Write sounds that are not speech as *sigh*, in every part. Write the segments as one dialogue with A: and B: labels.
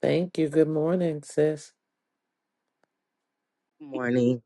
A: Thank you. Good morning, sis.
B: morning.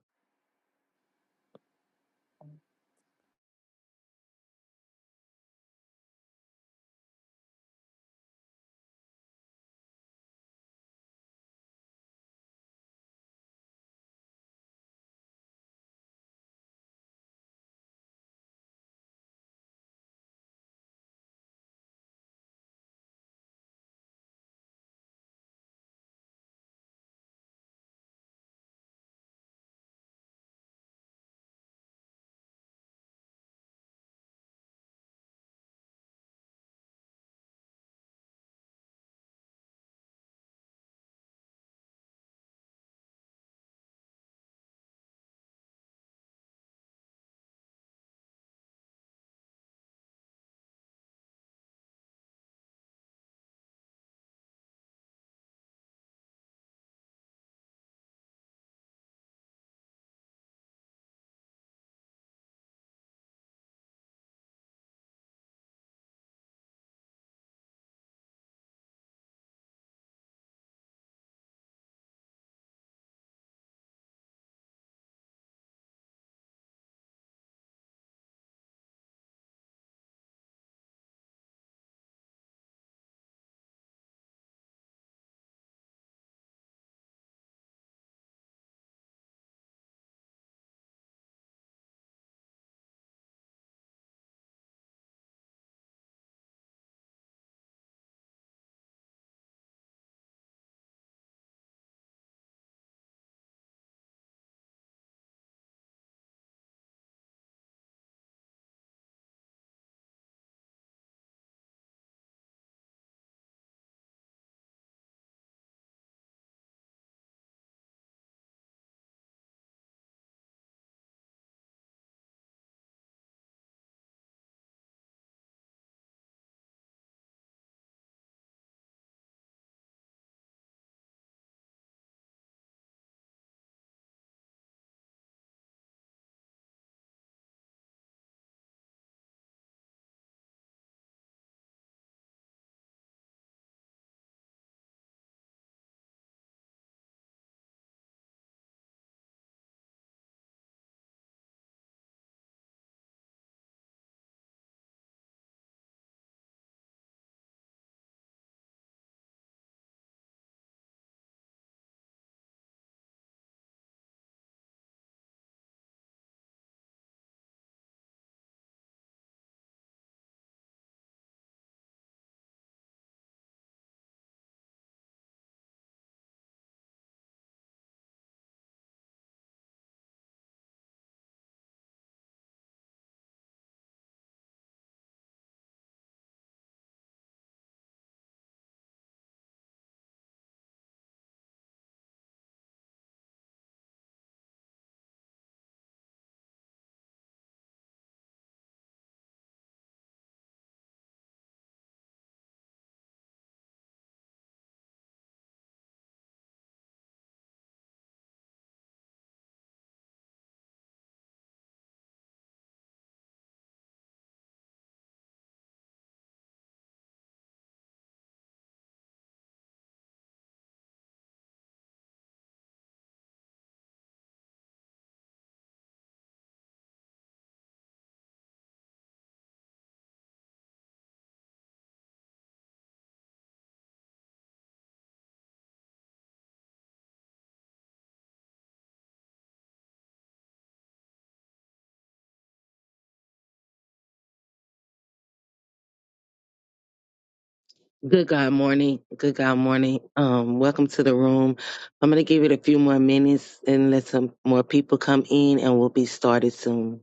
B: Good God morning. Good God morning. Um, welcome to the room. I'm gonna give it a few more minutes and let some more people come in and we'll be started soon.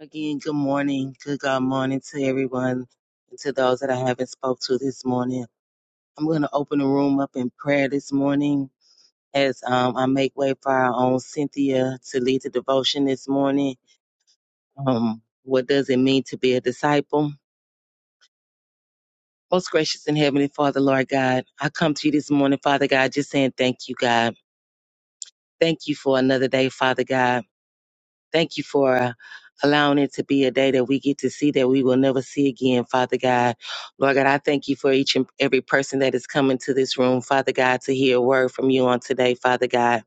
B: Again, good morning. Good God morning to everyone and to those that I haven't spoke to this morning. I'm gonna open the room up in prayer this morning as um, I make way for our own Cynthia to lead the devotion this morning. Um, what does it mean to be a disciple? Most gracious and heavenly Father, Lord God, I come to you this morning, Father God, just saying thank you, God. Thank you for another day, Father God. Thank you for uh, allowing it to be a day that we get to see that we will never see again, Father God. Lord God, I thank you for each and every person that is coming to this room, Father God, to hear a word from you on today, Father God,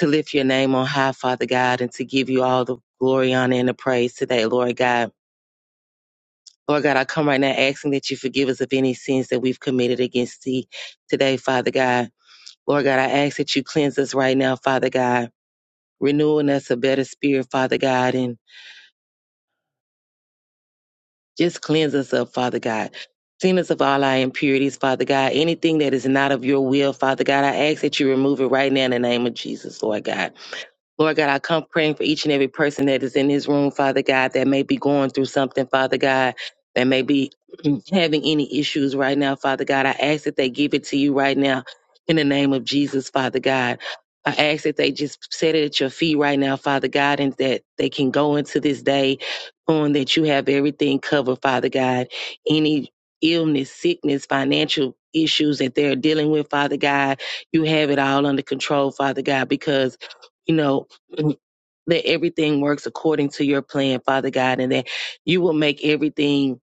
B: to lift your name on high, Father God, and to give you all the glory, honor, and the praise today, Lord God. Lord God, I come right now asking that you forgive us of any sins that we've committed against thee today, Father God. Lord God, I ask that you cleanse us right now, Father God, renewing us a better spirit, Father God, and just cleanse us up, Father God. Clean us of all our impurities, Father God. Anything that is not of your will, Father God, I ask that you remove it right now in the name of Jesus, Lord God. Lord God, I come praying for each and every person that is in this room, Father God, that may be going through something, Father God, that may be *clears throat* having any issues right now, Father God. I ask that they give it to you right now in the name of Jesus, Father God. I ask that they just set it at your feet right now, Father God, and that they can go into this day knowing that you have everything covered, Father God. Any illness, sickness, financial issues that they're dealing with, Father God, you have it all under control, Father God, because you know and that everything works according to your plan, Father God, and that you will make everything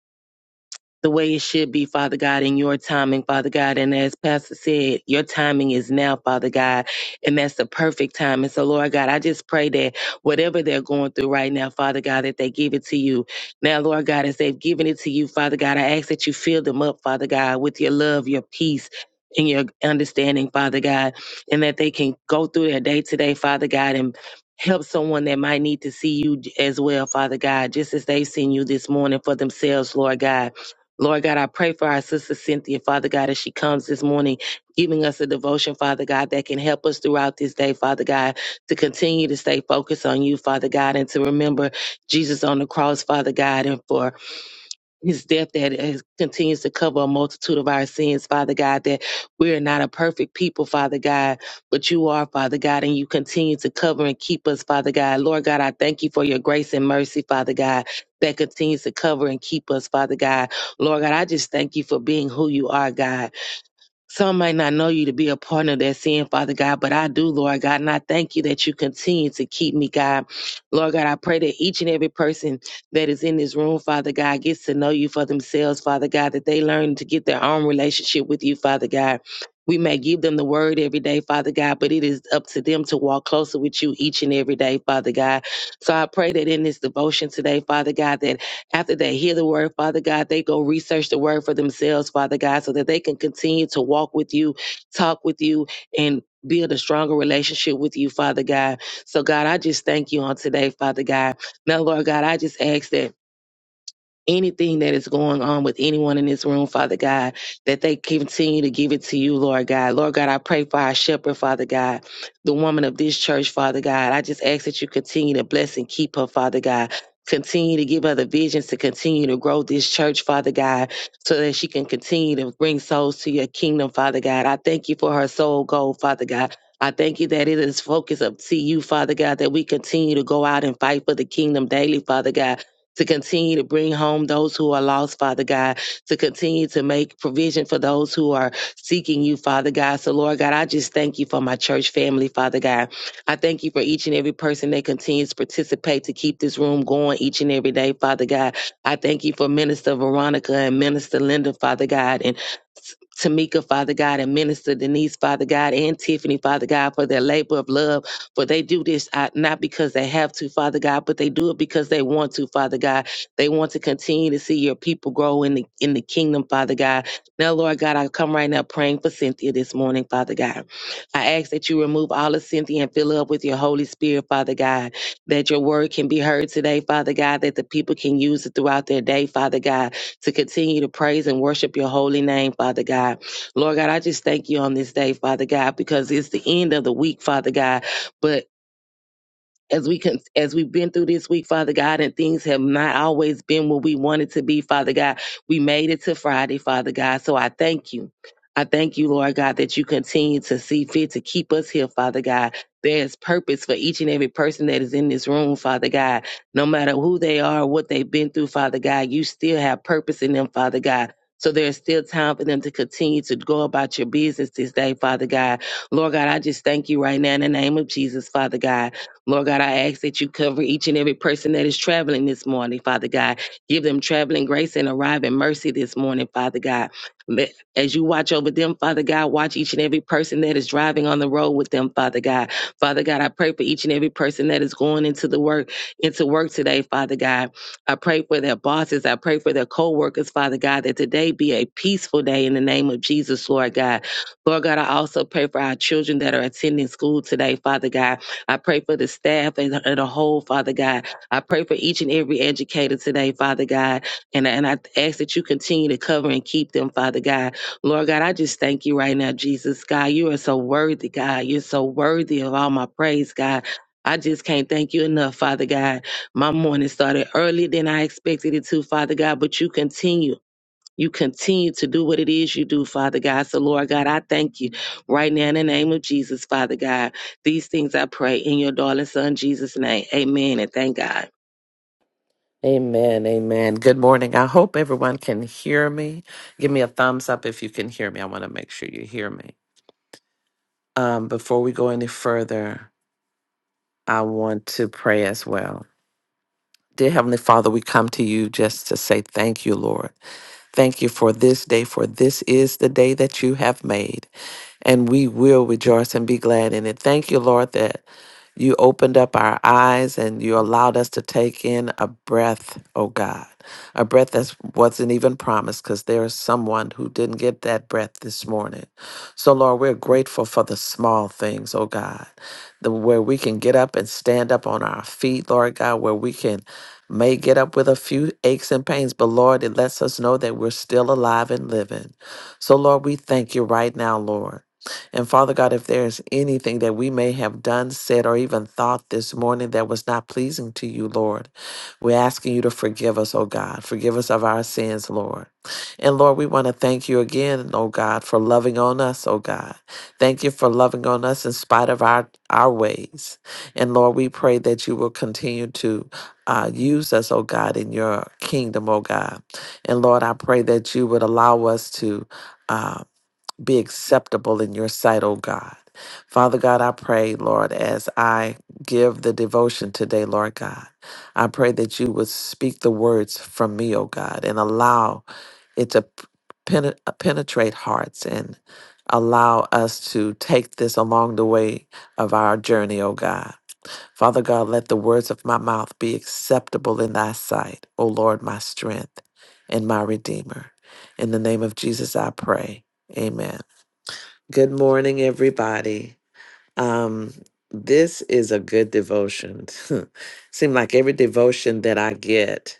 B: the way it should be, Father God, in your timing, Father God. And as Pastor said, your timing is now, Father God, and that's the perfect time. And so, Lord God, I just pray that whatever they're going through right now, Father God, that they give it to you. Now, Lord God, as they've given it to you, Father God, I ask that you fill them up, Father God, with your love, your peace. And your understanding, Father God, and that they can go through their day today, Father God, and help someone that might need to see you as well, Father God, just as they've seen you this morning for themselves, Lord God. Lord God, I pray for our sister Cynthia, Father God, as she comes this morning, giving us a devotion, Father God, that can help us throughout this day, Father God, to continue to stay focused on you, Father God, and to remember Jesus on the cross, Father God, and for his death that is, continues to cover a multitude of our sins, Father God, that we are not a perfect people, Father God, but you are, Father God, and you continue to cover and keep us, Father God. Lord God, I thank you for your grace and mercy, Father God, that continues to cover and keep us, Father God. Lord God, I just thank you for being who you are, God. Some might not know you to be a partner of that sin, Father God, but I do, Lord God. And I thank you that you continue to keep me, God. Lord God, I pray that each and every person that is in this room, Father God, gets to know you for themselves, Father God, that they learn to get their own relationship with you, Father God. We may give them the word every day, Father God, but it is up to them to walk closer with you each and every day, Father God. So I pray that in this devotion today, Father God, that after they hear the word, Father God, they go research the word for themselves, Father God, so that they can continue to walk with you, talk with you, and build a stronger relationship with you, Father God. So, God, I just thank you on today, Father God. Now, Lord God, I just ask that anything that is going on with anyone in this room, Father God, that they continue to give it to you, Lord God. Lord God, I pray for our shepherd, Father God, the woman of this church, Father God. I just ask that you continue to bless and keep her, Father God. Continue to give her the visions to continue to grow this church, Father God, so that she can continue to bring souls to your kingdom, Father God. I thank you for her soul goal, Father God. I thank you that it is focused up to you, Father God, that we continue to go out and fight for the kingdom daily, Father God to continue to bring home those who are lost, Father God, to continue to make provision for those who are seeking you, Father God. So, Lord God, I just thank you for my church family, Father God. I thank you for each and every person that continues to participate to keep this room going each and every day, Father God. I thank you for Minister Veronica and Minister Linda, Father God, and Tamika, Father God, and Minister Denise, Father God, and Tiffany, Father God, for their labor of love for they do this uh, not because they have to, Father God, but they do it because they want to, Father God. They want to continue to see your people grow in the in the kingdom, Father God. Now, Lord God, I come right now praying for Cynthia this morning, Father God. I ask that you remove all of Cynthia and fill her up with your Holy Spirit, Father God, that your word can be heard today, Father God, that the people can use it throughout their day, Father God, to continue to praise and worship your holy name, Father God. Lord God, I just thank you on this day, Father God, because it's the end of the week, Father God. But as we can, as we've been through this week, Father God, and things have not always been what we wanted to be, Father God, we made it to Friday, Father God. So I thank you. I thank you, Lord God, that you continue to see fit to keep us here, Father God. There's purpose for each and every person that is in this room, Father God. No matter who they are, or what they've been through, Father God, you still have purpose in them, Father God. So there's still time for them to continue to go about your business this day, Father God. Lord God, I just thank you right now in the name of Jesus, Father God. Lord God, I ask that you cover each and every person that is traveling this morning, Father God. Give them traveling grace and arriving mercy this morning, Father God. Let- As you watch over them, Father God, watch each and every person that is driving on the road with them, Father God. Father God, I pray for each and every person that is going into the work, into work today, Father God. I pray for their bosses. I pray for their co-workers, Father God, that today be a peaceful day in the name of Jesus, Lord God. Lord God, I also pray for our children that are attending school today, Father God. I pray for the staff and, the, and the whole, Father God. I pray for each and every educator today, Father God. And, and I ask that you continue to cover and keep them, Father God. Lord God, I just thank you right now, Jesus, God. You are so worthy, God. You're so worthy of all my praise, God. I just can't thank you enough, Father God. My morning started earlier than I expected it to, Father God, but you continue. You continue to do what it is you do, Father God. So, Lord God, I thank you right now in the name of Jesus, Father God. These things I pray in your darling son, Jesus' name. Amen. And thank God.
A: Amen. Amen. Good morning. I hope everyone can hear me. Give me a thumbs up if you can hear me. I want to make sure you hear me. Um, before we go any further, I want to pray as well. Dear Heavenly Father, we come to you just to say thank you, Lord. Thank you for this day, for this is the day that you have made, and we will rejoice and be glad in it. Thank you, Lord, that You opened up our eyes and you allowed us to take in a breath, oh God, a breath that wasn't even promised because there is someone who didn't get that breath this morning. So, Lord, we're grateful for the small things, oh God, the, where we can get up and stand up on our feet, Lord God, where we can may get up with a few aches and pains, but Lord, it lets us know that we're still alive and living. So, Lord, we thank you right now, Lord. And Father God, if there's anything that we may have done, said, or even thought this morning that was not pleasing to you, Lord, we're asking you to forgive us, oh God. Forgive us of our sins, Lord. And Lord, we want to thank you again, oh God, for loving on us, oh God. Thank you for loving on us in spite of our, our ways. And Lord, we pray that you will continue to uh, use us, oh God, in your kingdom, oh God. And Lord, I pray that you would allow us to. Um, be acceptable in your sight, O God. Father God, I pray, Lord, as I give the devotion today, Lord God, I pray that you would speak the words from me, O God, and allow it to pene- uh, penetrate hearts and allow us to take this along the way of our journey, O God. Father God, let the words of my mouth be acceptable in thy sight, O Lord, my strength and my redeemer. In the name of Jesus, I pray. Amen. Good morning, everybody. Um, this is a good devotion. *laughs* Seem like every devotion that I get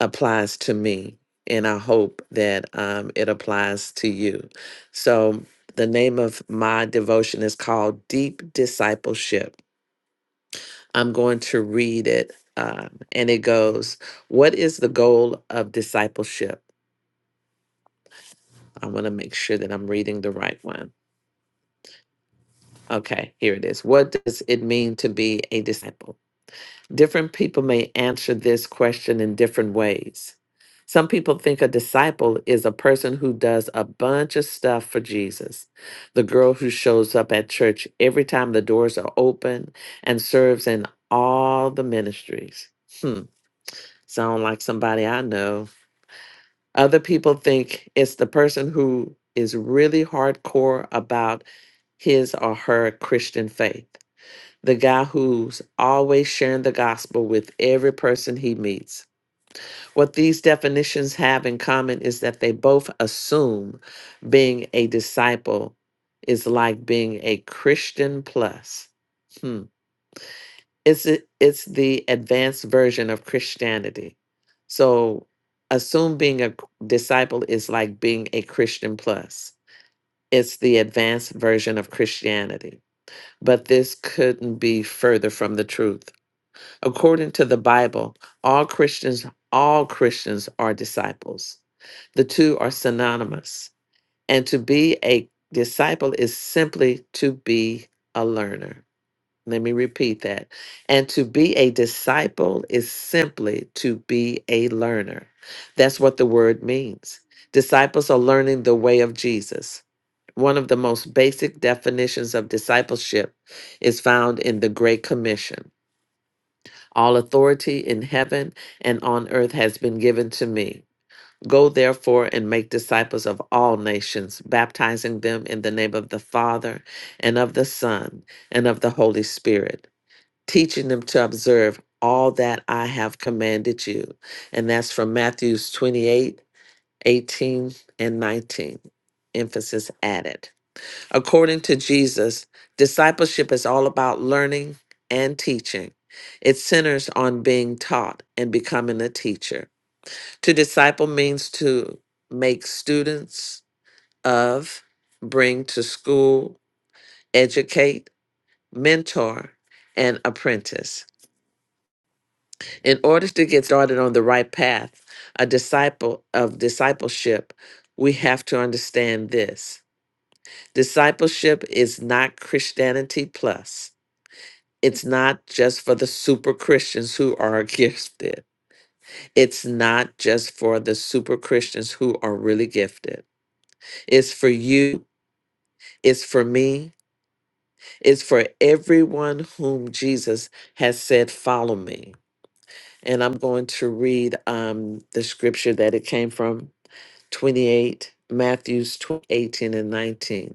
A: applies to me, and I hope that um, it applies to you. So, the name of my devotion is called Deep Discipleship. I'm going to read it, um, and it goes, "What is the goal of discipleship?" I want to make sure that I'm reading the right one. Okay, here it is. What does it mean to be a disciple? Different people may answer this question in different ways. Some people think a disciple is a person who does a bunch of stuff for Jesus. The girl who shows up at church every time the doors are open and serves in all the ministries. Hmm, sound like somebody I know. Other people think it's the person who is really hardcore about his or her Christian faith the guy who's always sharing the gospel with every person he meets. What these definitions have in common is that they both assume being a disciple is like being a Christian plus. Hmm. It's a- it's the advanced version of Christianity. So assume being a disciple is like being a Christian plus. It's the advanced version of Christianity. But this couldn't be further from the truth. According to the Bible, all Christians, all Christians are disciples. The two are synonymous. And to be a disciple is simply to be a learner. Let me repeat that. And to be a disciple is simply to be a learner. That's what the word means. Disciples are learning the way of Jesus. One of the most basic definitions of discipleship is found in the Great Commission. All authority in heaven and on earth has been given to me. Go therefore and make disciples of all nations, baptizing them in the name of the Father and of the Son and of the Holy Spirit, teaching them to observe all that I have commanded you. And that's from Matthews 28, 18 and 19. Emphasis added. According to Jesus, discipleship is all about learning and teaching. It centers on being taught and becoming a teacher. To disciple means to make students of, bring to school, educate, mentor, and apprentice. In order to get started on the right path, a disciple of discipleship, we have to understand this. Discipleship is not Christianity plus. It's not just for the super Christians who are *laughs* gifted. It's not just for the super Christians who are really gifted. It's for you. It's for me. It's for everyone whom Jesus has said, Follow me. And I'm going to read um, the scripture that it came from 28, Matthew's 20, 18 and 19.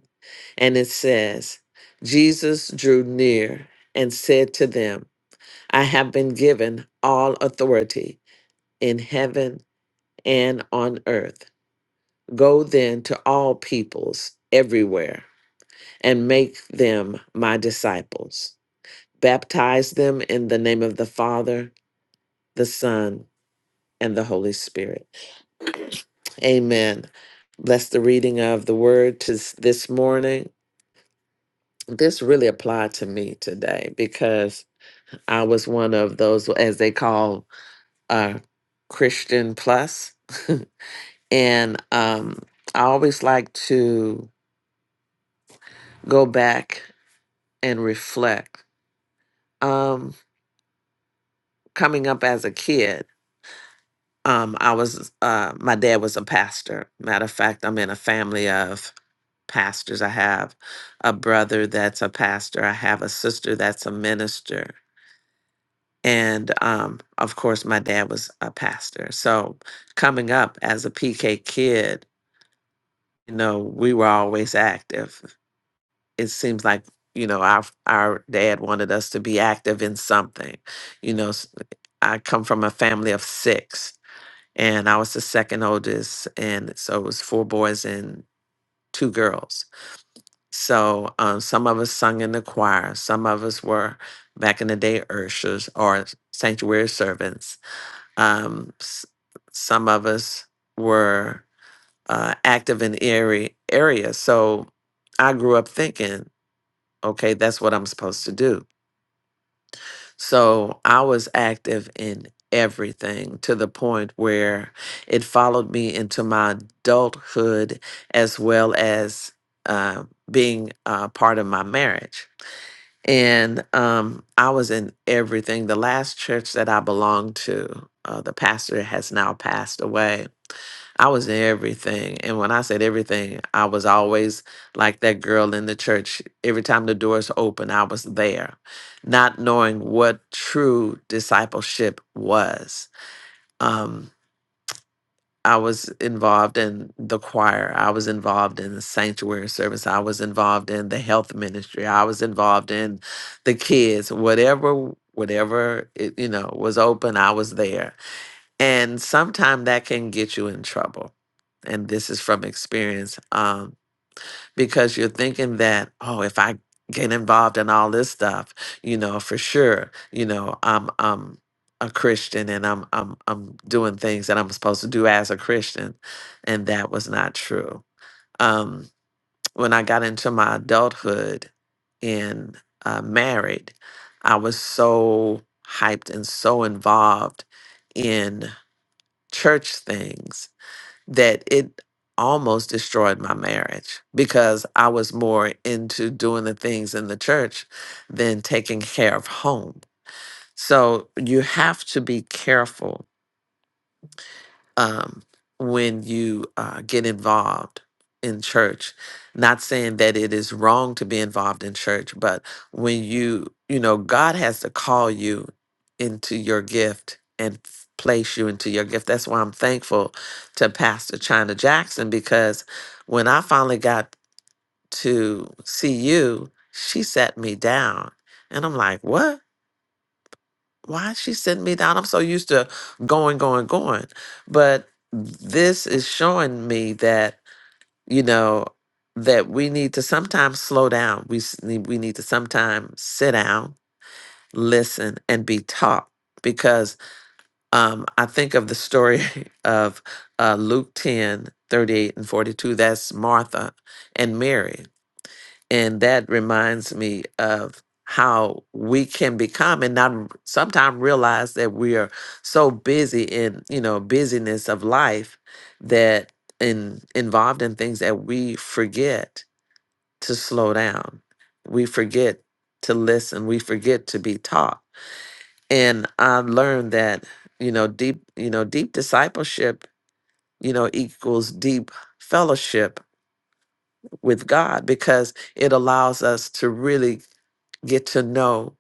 A: And it says, Jesus drew near and said to them, I have been given all authority in heaven and on earth. Go then to all peoples everywhere and make them my disciples. Baptize them in the name of the Father, the Son, and the Holy Spirit. Amen. Bless the reading of the word to s- this morning. This really applied to me today because I was one of those, as they call, uh, Christian plus. *laughs* And um, I always like to go back and reflect. Um, coming up as a kid, um, I was uh, my dad was a pastor. Matter of fact, I'm in a family of pastors. I have a brother that's a pastor. I have a sister that's a minister. And um, of course, my dad was a pastor. So coming up as a PK kid, you know, we were always active. it seems like you know our our dad wanted us to be active in something you know s- i come from a family of six and i was the second oldest and so it was four boys and two girls so um, some of us sung in the choir some of us were back in the day urshers or sanctuary servants um, s- some of us were uh, active in area areas so i grew up thinking Okay, that's what I'm supposed to do. So I was active in everything to the point where it followed me into my adulthood as well as uh, being uh, part of my marriage and um, I was in everything. The last church that I belonged to, uh, the pastor has now passed away. I was in everything, and when I said everything, I was always like that girl in the church. Every time the doors open, I was there, not knowing what true discipleship was. Um, I was involved in the choir. I was involved in the sanctuary service. I was involved in the health ministry. I was involved in the kids. Whatever, whatever it, you know was open, I was there. And sometimes that can get you in trouble. And this is from experience. Um, because you're thinking that, oh, if I get involved in all this stuff, you know, for sure, you know, I'm I'm a Christian and I'm I'm I'm doing things that I'm supposed to do as a Christian. And that was not true. Um, when I got into my adulthood and uh, married, I was so hyped and so involved in church things that it almost destroyed my marriage because I was more into doing the things in the church than taking care of home. So you have to be careful um, when you uh, get involved in church. Not saying that it is wrong to be involved in church, but when you, you know, God has to call you into your gift and f- place you into your gift. That's why I'm thankful to Pastor China Jackson because when I finally got to see you, she sat me down. And I'm like, what? why is she sitting me down? I'm so used to going, going, going. But this is showing me that, you know, that we need to sometimes slow down. We s- need, we need to sometimes sit down, listen, and be taught. Because um, I think of the story *laughs* of uh, Luke 10 38 and 42. That's Martha and Mary and that reminds me of how we can become and not sometimes realize that we are so busy in you know busyness of life that in involved in things that we forget to slow down we forget to listen we forget to be taught and i learned that you know deep you know deep discipleship you know equals deep fellowship with god because it allows us to really get to know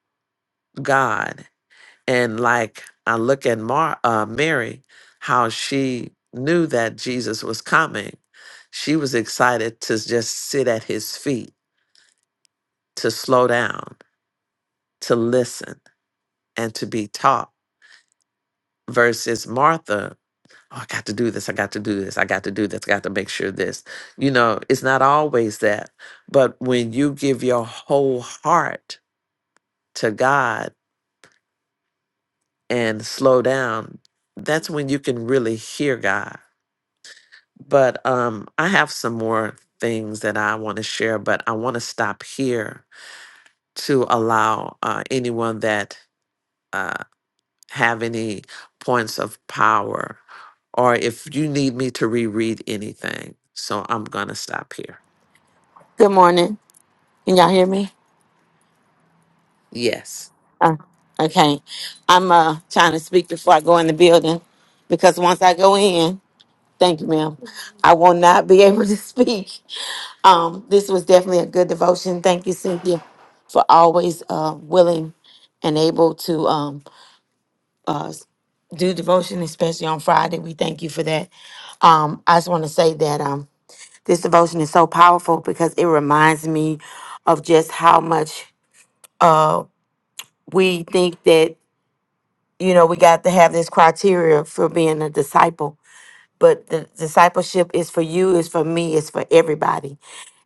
A: God. And like I look at Mar- uh, Mary, how she knew that Jesus was coming, she was excited to just sit at his feet, to slow down, to listen, and to be taught, versus Martha. Oh, I got to do this. I got to do this. I got to do this. I got to make sure this. You know, it's not always that. But when you give your whole heart to God, and slow down, that's when you can really hear God. But um, I have some more things that I want to share, but I want to stop here to allow uh, anyone that uh, have any points of power, or if you need me to reread anything. So I'm gonna stop here.
C: Good morning. Can y'all hear me?
A: Yes,
C: Uh, okay. I'm uh, trying to speak before I go in the building because once I go in, thank you, ma'am, I will not be *laughs* able to speak. Um, this was definitely a good devotion. Thank you, Cynthia, for always uh, willing and able to um, do devotion, especially on Friday. We thank you for that. Um, I just want to say that um, this devotion is so powerful because it reminds me of just how much uh, we think that you know, we got to have this criteria for being a disciple. But the discipleship is for you, is for me, is for everybody.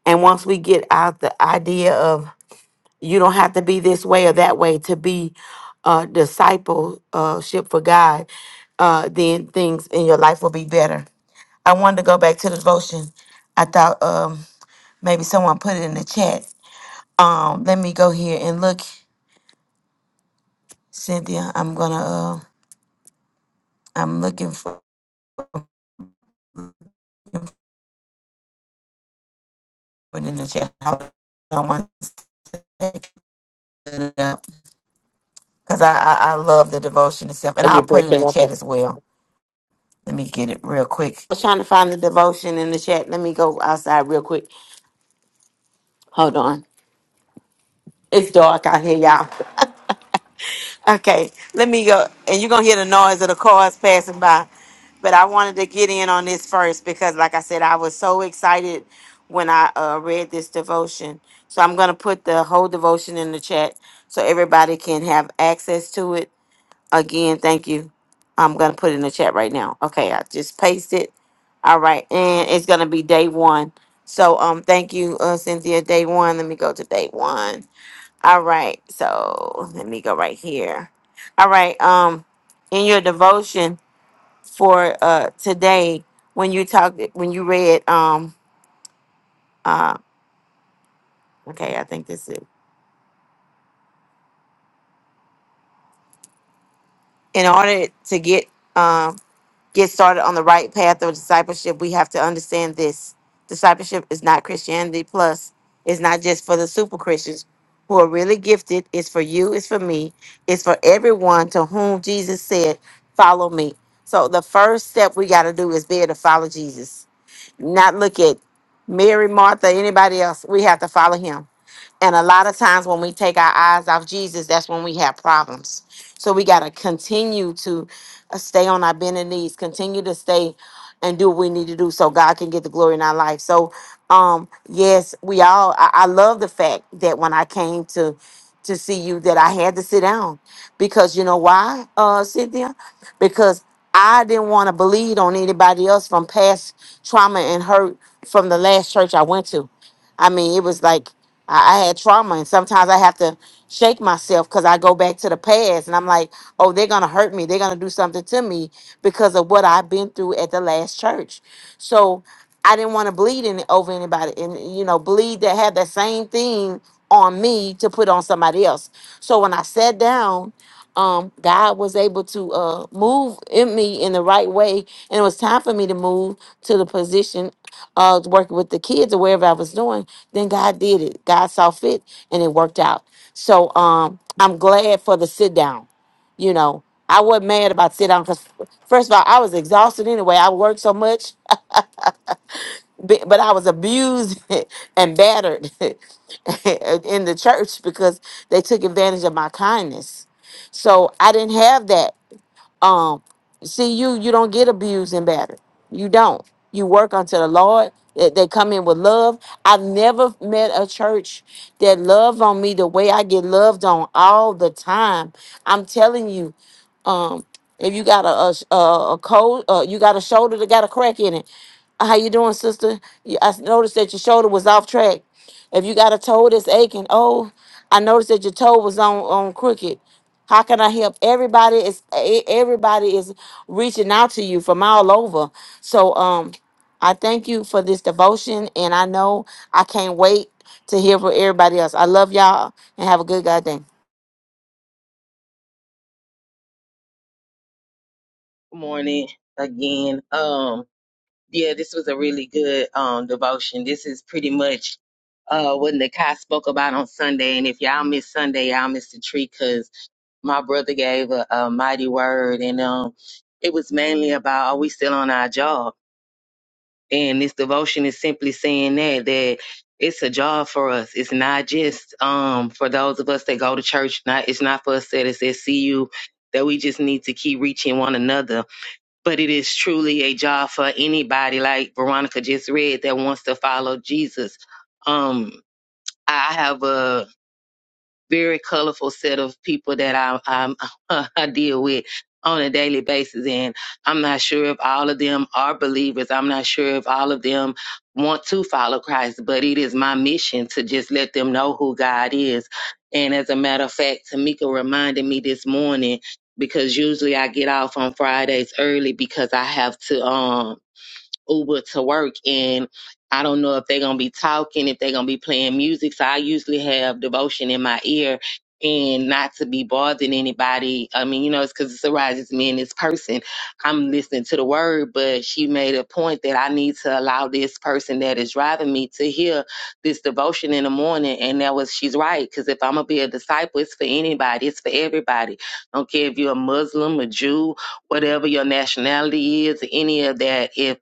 C: And once we get out the idea of you don't have to be this way or that way to be a discipleship for God, uh, then things in your life will be better. I wanted to go back to the devotion. I thought um, maybe someone put it in the chat. Um, let me go here and look, Cynthia. I'm gonna. Uh, I'm looking for. put in the chat. I don't want to take it up because I, I I love the devotion itself, and
A: And
C: I'll
A: you're
C: put it in
A: breaking
C: the
A: up.
C: chat
A: a-
C: as well. Let me get it real quick. I was trying to find the devotion in the chat. Let me go outside real quick. Hold on. It's dark out here, y'all. *laughs* Okay, let me go. And you're going to hear the noise of the cars passing by. But I wanted to get in on this first because, like I said, I was so excited when I uh, read this devotion. So I'm going to put the whole devotion in the chat so everybody can have access to it Again, thank you. I'm gonna put it in the chat right now. Okay, I just pasted. All right, and it's gonna be day one. So um, thank you, uh, Cynthia. Day one. Let me go to day one. All right. So let me go right here. All right. Um, in your devotion for uh today, when you talked, when you read um uh, okay, I think this is in order to get um. get started on the right path of discipleship, we have to understand this. Discipleship is not Christianity plus. It's not just for the super Christians who are really gifted. It's for you, it's for me, it's for everyone to whom Jesus said, Follow me. So the first step we got to do is be able to follow Jesus, not look at Mary, Martha, anybody else. We have to follow him and a lot of times when we take our eyes off Jesus, that's when we have problems. So we got to continue to uh, stay on our bended knees, continue to stay and do what we need to do so God can get the glory in our life. So, um, yes, we all, I, I love the fact that when I came to, to see you that I had to sit down because you know why, uh, Cynthia? Because I didn't want to bleed on anybody else from past trauma and hurt from the last church I went to. I mean, it was like I, I had trauma, and sometimes I have to shake myself because I go back to the past, and I'm like, "Oh, they're gonna hurt me. They're gonna do something to me because of what I've been through at the last church." So I didn't want to bleed any, over anybody, and you know, bleed that had that same thing on me to put on somebody else. So when I sat down um God was able to uh move in me in the right way and it was time for me to move to the position of working with the kids or wherever I was doing then God did it God saw fit and it worked out so um I'm glad for the sit down you know I wasn't mad about sit down because first of all I was exhausted anyway I worked so much b- but I was abused *laughs* and battered *laughs* in the church because they took advantage of my kindness so I didn't have that um, see, you you don't get abused and battered. You don't. You work unto the Lord. They they come in with love. I've never met a church that loved on me the way I get loved on all the time. I'm telling you, um, if you got a a, sh- a, a cold, uh, you got a shoulder that got a crack in it. How you doing, sister? You- I noticed that your shoulder was off track. If you got a toe that's aching, oh, I noticed that your toe was on on crooked. How can I help? Everybody is e- everybody is reaching out to you from all over. So um I thank you for this devotion and I know I can't wait to hear from everybody else. I love y'all and have a good God day.
B: Good morning again. Um, yeah, this was a really good um devotion. This is pretty much uh what Nakai spoke about on Sunday. And if y'all miss Sunday, y'all miss the treat because my brother gave a, a mighty word and um it was mainly about are we still on our job? And this devotion is simply saying that that it's a job for us. It's not just um for those of us that go to church. Not it's not for us that is at CU that we just need to keep reaching one another. But it is truly a job for anybody, like Veronica just read, that wants to follow Jesus. Um, I I have a very colorful set of people that I I'm, *laughs* I deal with on a daily basis, and I'm not sure if all of them are believers. I'm not sure if all of them want to follow Christ, but it is my mission to just let them know who God is. And as a matter of fact, Tamika reminded me this morning because usually I get off on Fridays early because I have to. Um, Uber to work and I don't know if they're gonna be talking, if they're gonna be playing music. So I usually have devotion in my ear and not to be bothering anybody. I mean, you know, it's cause it's arises me and this person. I'm listening to the word, but she made a point that I need to allow this person that is driving me to hear this devotion in the morning. And that was she's right, because if I'm gonna be a disciple, it's for anybody, it's for everybody. don't care if you're a Muslim, a Jew, whatever your nationality is, any of that. If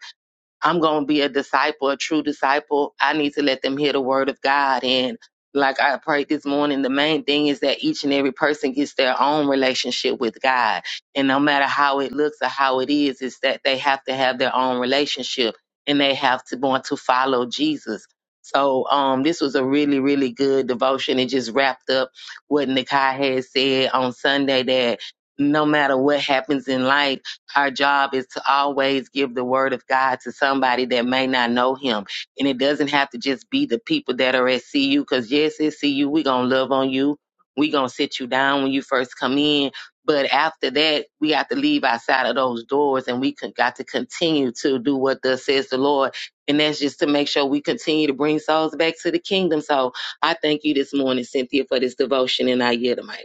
B: I'm going to be a disciple, a true disciple. I need to let them hear the word of God. And like I prayed this morning, the main thing is that each and every person gets their own relationship with God. And no matter how it looks or how it is, it's that they have to have their own relationship and they have to want to follow Jesus. So um, this was a really, really good devotion. It just wrapped up what Nikai had said on Sunday that no matter what happens in life, our job is to always give the word of God to somebody that may not know him. And it doesn't have to just be the people that are at CU, because yes, at CU. We're going to love on you. We're going to sit you down when you first come in. But after that, we have to leave outside of those doors and we con- got to continue to do what thus says the Lord. And that's just to make sure we continue to bring souls back to the kingdom. So I thank you this morning, Cynthia, for this devotion and I yield the mic.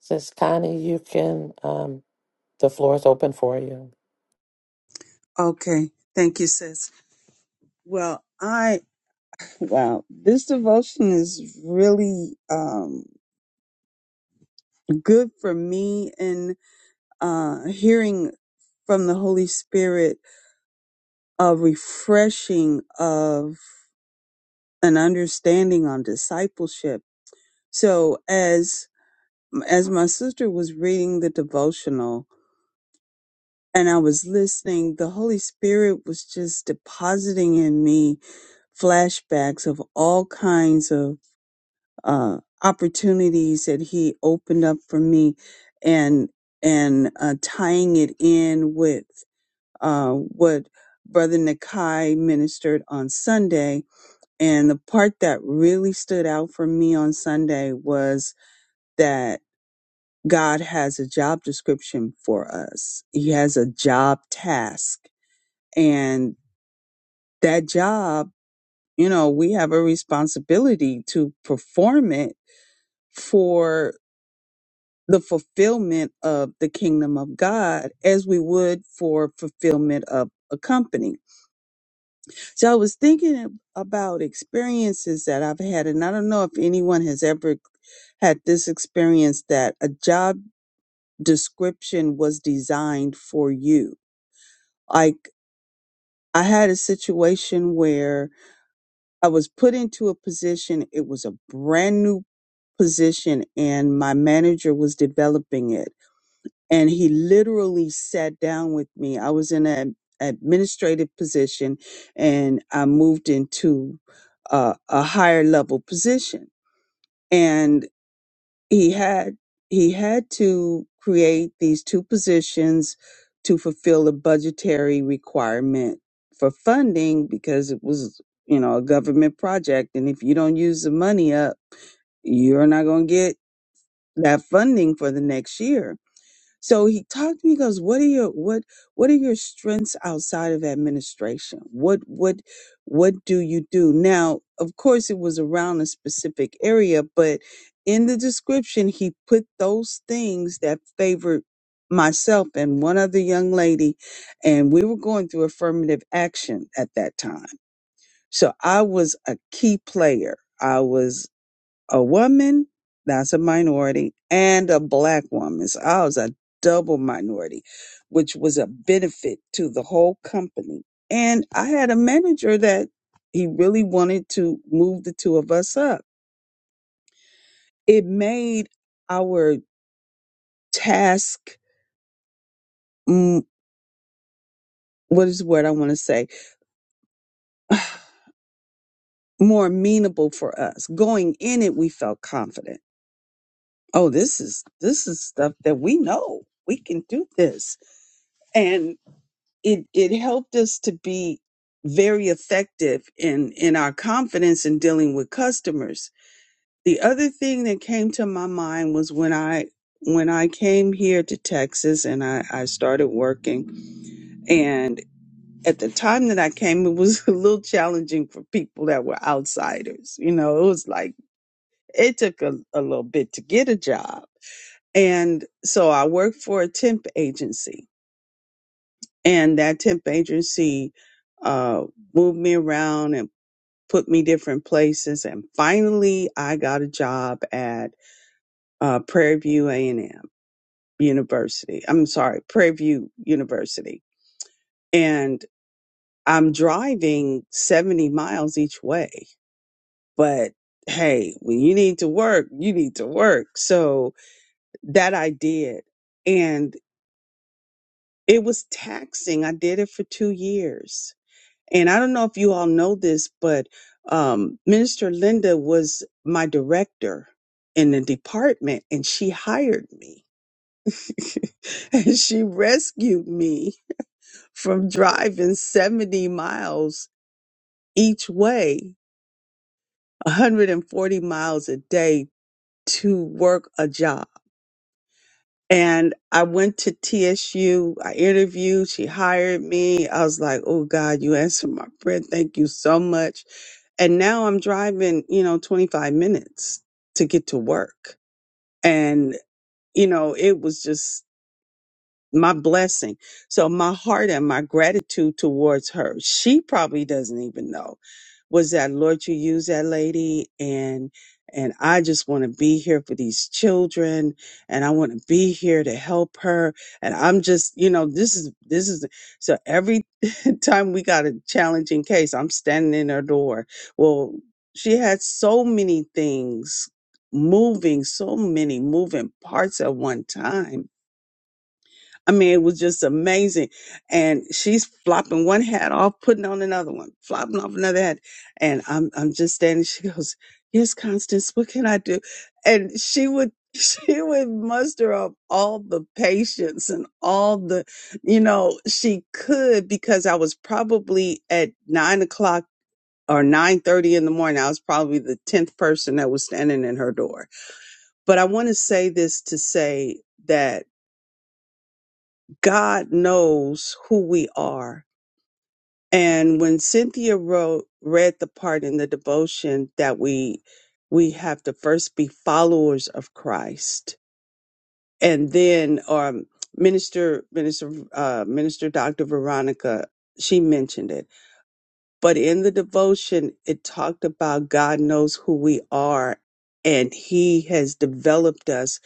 A: Says Connie, you can. Um, the floor is open for you.
D: Okay. Thank you, sis. Well, I, wow, this devotion is really um, good for me and uh, hearing from the Holy Spirit a refreshing of an understanding on discipleship. So as, as my sister was reading the devotional and I was listening, the Holy Spirit was just depositing in me flashbacks of all kinds of uh, opportunities that he opened up for me and and uh, tying it in with uh, what brother nakai ministered on sunday and the part that really stood out for me on sunday was that god has a job description for us he has a job task and that job you know we have a responsibility to perform it for the fulfillment of the kingdom of God as we would for fulfillment of a company. So I was thinking about experiences that I've had, and I don't know if anyone has ever had this experience that a job description was designed for you. Like I had a situation where I was put into a position, it was a brand new position, and my manager was developing it and he literally sat down with me. I was in an administrative position and I moved into uh, a higher level position and he had he had to create these two positions to fulfill a budgetary requirement for funding because it was you know a government project and if you don't use the money up you're not going to get that funding for the next year so he talked to me. He goes, "What are your what What are your strengths outside of administration? What what what do you do now? Of course, it was around a specific area, but in the description, he put those things that favored myself and one other young lady, and we were going through affirmative action at that time. So I was a key player. I was." a woman, that's a minority, and a black woman. So I was a double minority, which was a benefit to the whole company. And I had a manager that he really wanted to move the two of us up. It made our task, mm, what is the word I want to say, *sighs* more amenable for us. Going in it, we felt confident. Oh, this is this is stuff that we know. We can do this. And it it helped us to be very effective in in our confidence in dealing with customers the other thing that came to my mind was when i when i came here to texas and i i started working and at the time that i came it was *laughs* a little challenging for people that were outsiders you know it was like it took a, a little bit to get a job and so i worked for a temp agency and that temp agency uh, moved me around and put me different places and finally i got a job at uh, prairie view a&m university i'm sorry prairie view university and i'm driving 70 miles each way but hey when you need to work you need to work so that i did and it was taxing i did it for two years And I don't know if you all know this, but um, Minister Linda was my director in the department and she hired me. *laughs* and she rescued me from driving 70 miles each way, 140 miles a day to work a job. And I went to TSU. I interviewed. She hired me. I was like, oh God, you answered my prayer. Thank you so much. And now I'm driving, you know, 25 minutes to get to work. And, you know, it was just my blessing. So my heart and my gratitude towards her, she probably doesn't even know, was that Lord, you use that lady and and I just want to be here for these children and I want to be here to help her. And I'm just, you know, this is this is so every *laughs* time we got a challenging case, I'm standing in her door. Well, she had so many things moving, so many moving parts at one time I mean, it was just amazing. And she's flopping one hat off, putting on another one, flopping off another hat. And I'm I'm just standing. She goes, Yes, Constance, what can I do? And she would *laughs* she would muster up all the patience and all the, you know, she could because I was probably at nine o'clock or nine thirty in the morning. I was probably the tenth person that was standing in her door. But I want to say this to say that God knows who we are. And when Cynthia wrote, read the part in the devotion that we we have to first be followers of Christ, and then um, Minister Minister uh, Minister Dr. Veronica she mentioned it, but in the devotion it talked about God knows who we are, and He has developed us.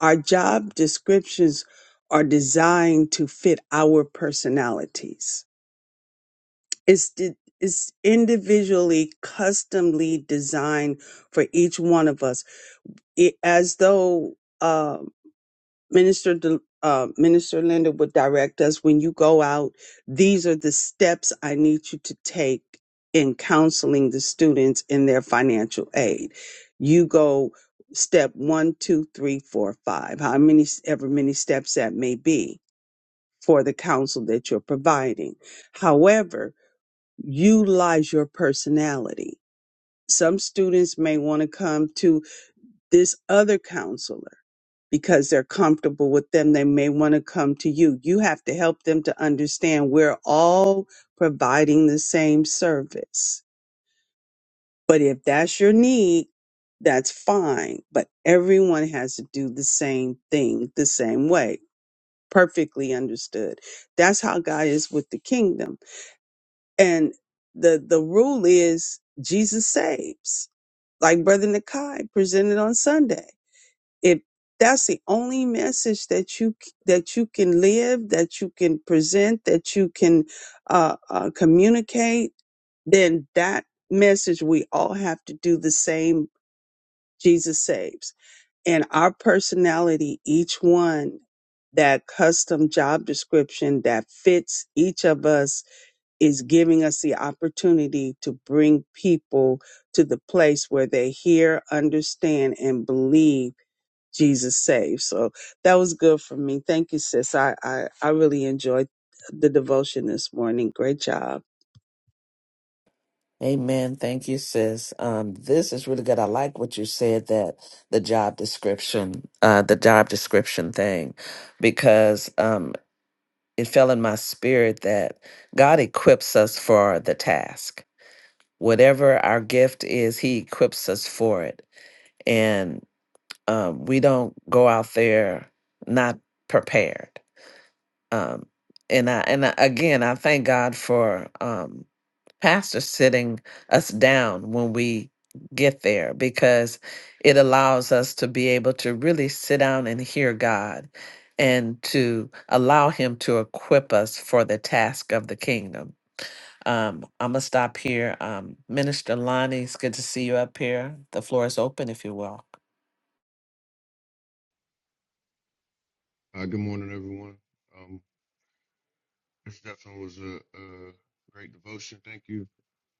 D: Our job descriptions are designed to fit our personalities It's di- it's individually, customly designed for each one of us, it, as though uh, Minister Del- uh, Minister Linda would direct us when you go out. These are the steps I need you to take in counseling the students in their financial aid. You go step one, two, three, four, five. How many ever many steps that may be for the counsel that you're providing. However, utilize your personality. Some students may want to come to this other counselor because they're comfortable with them. They may want to come to you. You have to help them to understand we're all providing the same service. But if that's your need, that's fine. But everyone has to do the same thing the same way. Perfectly understood. That's how God is with the kingdom. And the, the rule is Jesus saves like Brother Nakai presented on Sunday. If that's the only message that you that you can live, that you can present, that you can uh, uh, communicate, then that message we all have to do the same. Jesus saves, and our personality, each one, that custom job description that fits each of us is giving us the opportunity to bring people to the place where they hear, understand, and believe Jesus saves. So that was good for me. Thank you, sis. I, I, I really enjoyed the devotion this morning. Great job.
A: Amen. Thank you, sis. Um, this is really good. I like what you said that the job description, uh, the job description thing, because um, it fell in my spirit that God equips us for the task. Whatever our gift is, He equips us for it. um, we don't go out there not prepared. Um, and I and I, again, I thank God for um, pastors sitting us down when we get there because it allows us to be able to really sit down and hear God and to allow Him to equip us for the task of the kingdom. Um, I'm gonna stop here. Um, Minister Lonnie, it's good to see you up here. The floor is open if you will.
E: Uh, good morning, everyone. Um, this definitely was a, a great devotion. Thank you,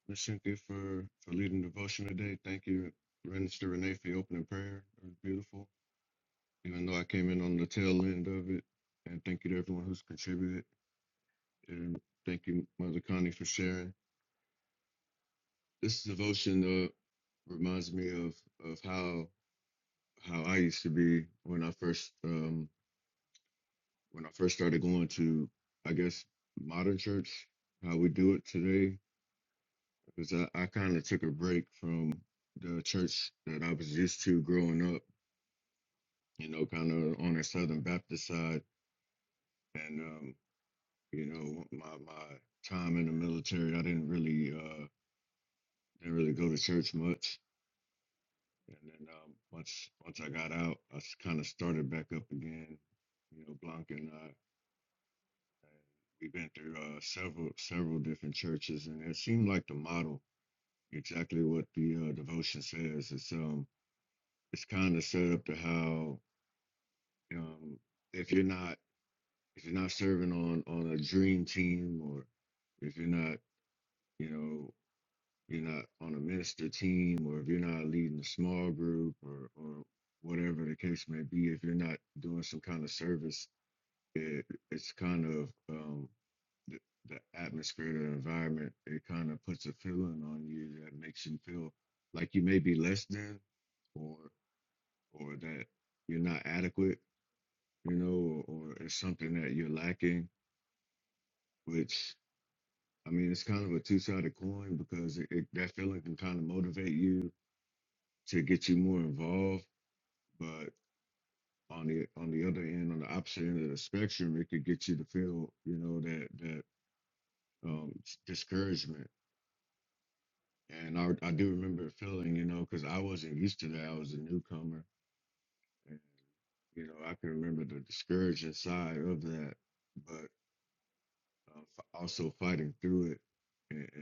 E: Miss Cynthia, for, for leading devotion today. Thank you, Minister Renee, for your opening prayer. It was beautiful, even though I came in on the tail end of it. And thank you to everyone who's contributed. And thank you, Mother Connie, for sharing. This devotion uh, reminds me of of how how I used to be when I first um, when I first started going to, I guess, modern church. How we do it today because I, I kind of took a break from the church that I was used to growing up, you know, kind of on the Southern Baptist side. And, um, you know, my, my time in the military, I didn't really, uh, didn't really go to church much. And then, um, once, once I got out, I kind of started back up again, you know, Blanc and I, and we've been through, uh, several, several different churches and it seemed like the model, exactly what the, uh, devotion says. It's, um, it's kind of set up to how um, if you're not if you're not serving on on a dream team or if you're not you know you're not on a minister team or if you're not leading a small group or or whatever the case may be if you're not doing some kind of service it, it's kind of um, the, the atmosphere the environment it kind of puts a feeling on you that makes you feel like you may be less than or or that you're not adequate you know, or it's something that you're lacking, which I mean, it's kind of a two sided coin because it, it, that feeling can kind of motivate you to get you more involved. But on the on the other end, on the opposite end of the spectrum, it could get you to feel, you know, that that um, s- discouragement. And I, I do remember it feeling, you know, because I wasn't used to that. I was a newcomer, and you know, I can remember the discouraging side of that, but uh, f- also fighting through it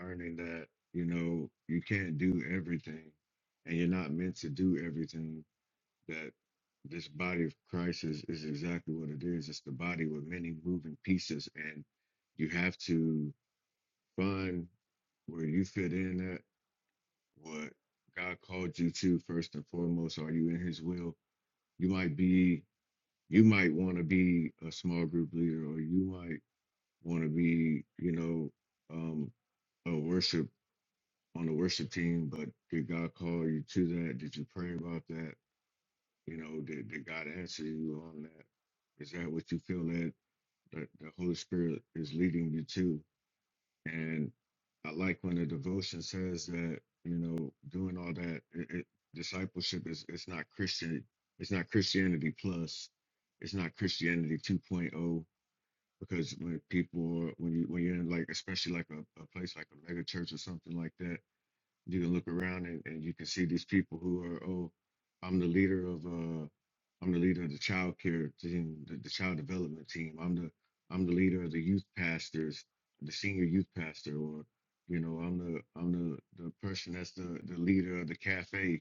E: learning that you know you can't do everything and you're not meant to do everything that this body of christ is, is exactly what it is it's the body with many moving pieces and you have to find where you fit in at what god called you to first and foremost are you in his will you might be you might want to be a small group leader or you might want to be you know um, a worship on the worship team, but did God call you to that? Did you pray about that? You know, did, did God answer you on that? Is that what you feel that, that the Holy Spirit is leading you to? And I like when the devotion says that, you know, doing all that, it, it, discipleship is it's not Christian, it's not Christianity plus, it's not Christianity 2.0. Because when people are, when you when you're in like especially like a, a place like a mega church or something like that, you can look around and, and you can see these people who are oh i'm the leader of uh i'm the leader of the child care team the, the child development team i'm the i'm the leader of the youth pastors the senior youth pastor or you know i'm the i'm the the person that's the the leader of the cafe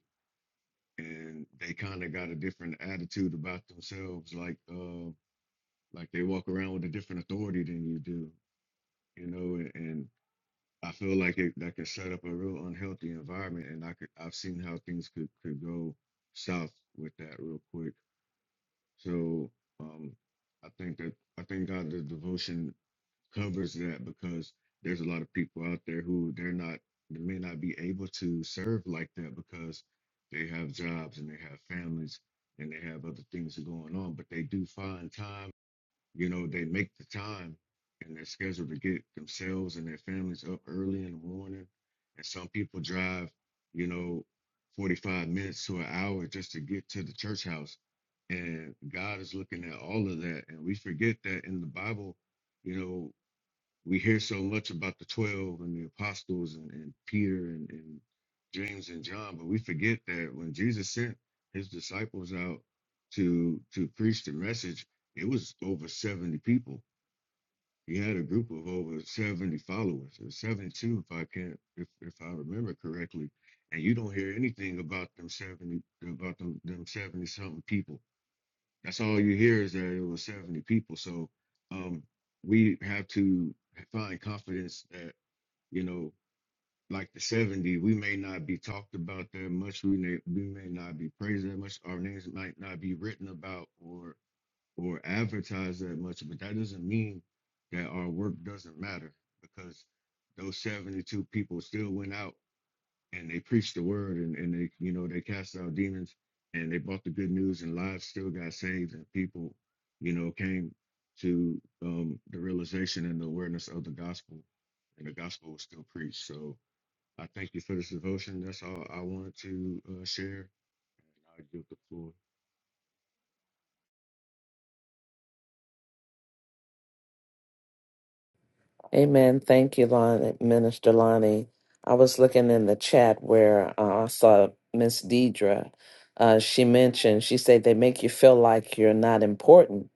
E: and they kind of got a different attitude about themselves like uh like they walk around with a different authority than you do you know and. and I feel like it that could set up a real unhealthy environment, and I could I've seen how things could could go south with that real quick. So um, I think that I think God the devotion covers that because there's a lot of people out there who they're not they may not be able to serve like that because they have jobs and they have families and they have other things that are going on, but they do find time you know, they make the time and they're scheduled to get themselves and their families up early in the morning. And some people drive, you know, 45 minutes to an hour just to get to the church house. And God is looking at all of that. And we forget that in the Bible, you know, we hear so much about the 12 and the apostles and, and Peter and, and James and John, but we forget that when Jesus sent his disciples out to to preach the message, it was over 70 people. He had a group of over 70 followers, or 72 if I can't if, if I remember correctly. And you don't hear anything about them 70 about them, them 70 something people. That's all you hear is that it was 70 people. So um, we have to find confidence that, you know, like the 70, we may not be talked about that much. We may, we may not be praised that much. Our names might not be written about or or advertised that much. But that doesn't mean that our work doesn't matter because those 72 people still went out and they preached the word and, and they you know they cast out demons and they brought the good news and lives still got saved and people you know came to um, the realization and the awareness of the gospel and the gospel was still preached so i thank you for this devotion that's all i wanted to uh, share and i give the floor
A: Amen. Thank you, Lon, Minister Lonnie. I was looking in the chat where uh, I saw Miss Deidre. Uh, she mentioned, she said they make you feel like you're not important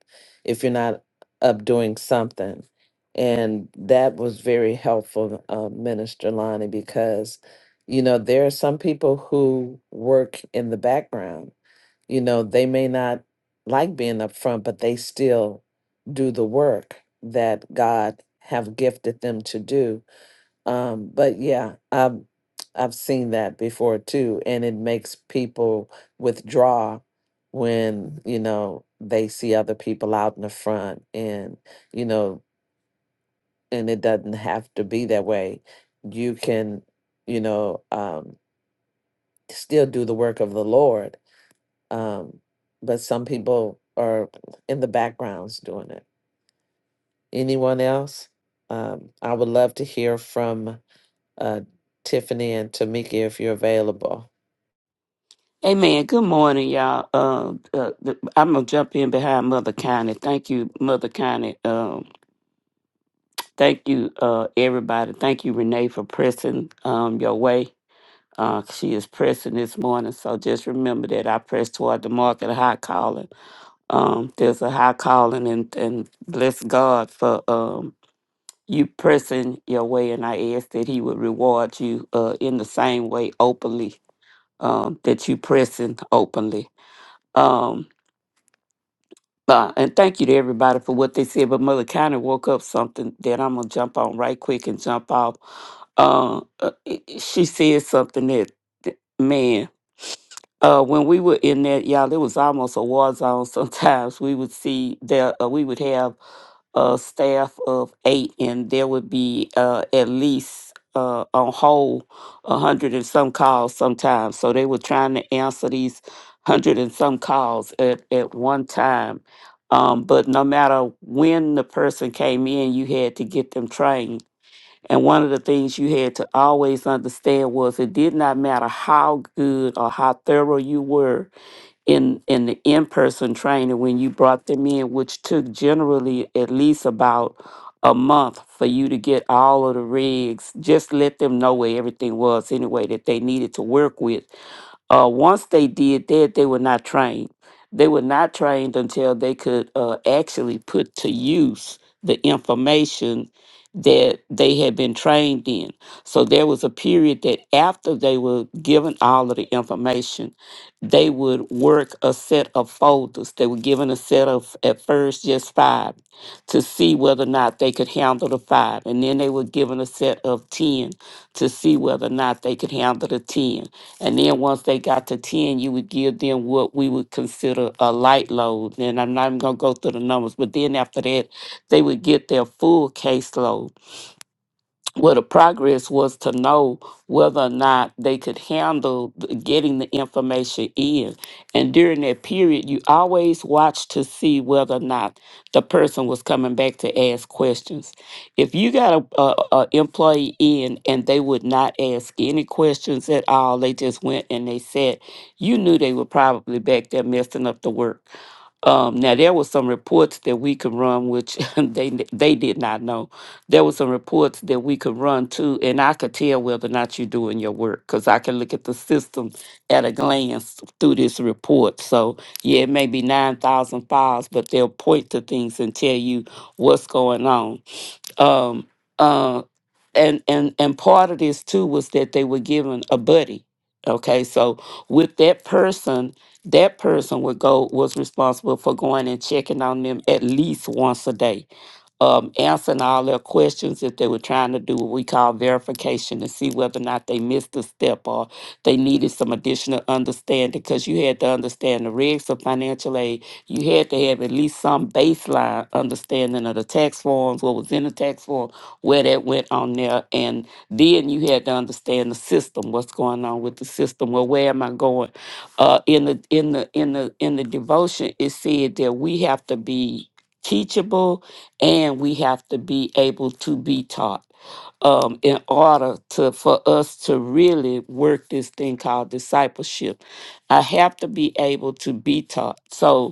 A: if you're not up doing something. And that was very helpful, uh, Minister Lonnie, because, you know, there are some people who work in the background you know, they may not like being up front, but they still do the work that God have gifted them to do. Um, but yeah, I've I've seen that before too, and it makes people withdraw when you know they see other people out in the front, and you know, and it doesn't have to be that way. You can, you know, um, still do the work of the Lord um, but some people are in the backgrounds doing it. Anyone else? Um, I would love to hear from uh, Tiffany and Tamika if you're available.
F: Hey man, good morning, y'all. Uh, uh, th- I'm gonna jump in behind Mother Connie. Thank you, Mother Connie. Um, thank you, uh, everybody. Thank you, Renee, for pressing um your way. Uh, she is pressing this morning, so just remember that I press toward the mark of the high calling. Um, there's a high calling, and and bless God for um you pressing your way, and I ask that He would reward you uh in the same way openly um that you pressing openly. Um, Uh, and thank you to everybody for what they said. But Mother kind of woke up something that I'm gonna jump on right quick and jump off. Uh, uh, she said something that, that- man, uh, when we were in that, y'all, it was almost a war zone. *laughs* Sometimes we would see that uh, we would have a staff of eight, and there would be uh, at least uh, on whole a hundred and some calls sometimes. So they were trying to answer these hundred and some calls at at one time. Um, but no matter when the person came in, you had to get them trained. And one of the things you had to always understand was it did not matter how good or how thorough you were in in the in-person training when you brought them in which took generally at least about a month for you to get all of the rigs just let them know where everything was anyway that they needed to work with uh, once they did that, they were not trained. They were not trained until they could uh, actually put to use the information that they had been trained in. So there was a period that after they were given all of the information, they would work a set of folders. They were given a set of, at first, just five to see whether or not they could handle the five. And then they were given a set of 10 to see whether or not they could handle the 10. And then once they got to 10, you would give them what we would consider a light load. And I'm not even going to go through the numbers, but then after that, they would get their full caseload well, the progress was to know whether or not they could handle the- getting the information in. And during that period, you always watch to see whether or not the person was coming back to ask questions. If you got a, a, a employee in and they would not ask any questions at all, they just went and they said, you knew they were probably back there messing up the work. Um, now there were some reports that we could run, which *laughs* they they did not know there were some reports that we could run to, and I could tell whether or not you're doing your work because I can look at the system at a glance through this report. So, yeah, it may be 9,000 files, but they'll point to things and tell you what's going on. Um, uh, and and and part of this too was that they were given a buddy. Okay, so with that person, that person would go was responsible for going and checking on them at least once a day, um, answering all their questions if they were trying to do what we call verification to see whether or not they missed a step or they needed some additional understanding. Because you had to understand the regs of financial aid you had to have at least some baseline understanding of the tax forms, what was in the tax form, where that went on there. And then you had to understand the system, what's going on with the system. Well, where am I going? Uh, in the in the in the in the devotion, it said that we have to be teachable and we have to be able to be taught um, in order to for us to really work this thing called discipleship. I have to be able to be taught. So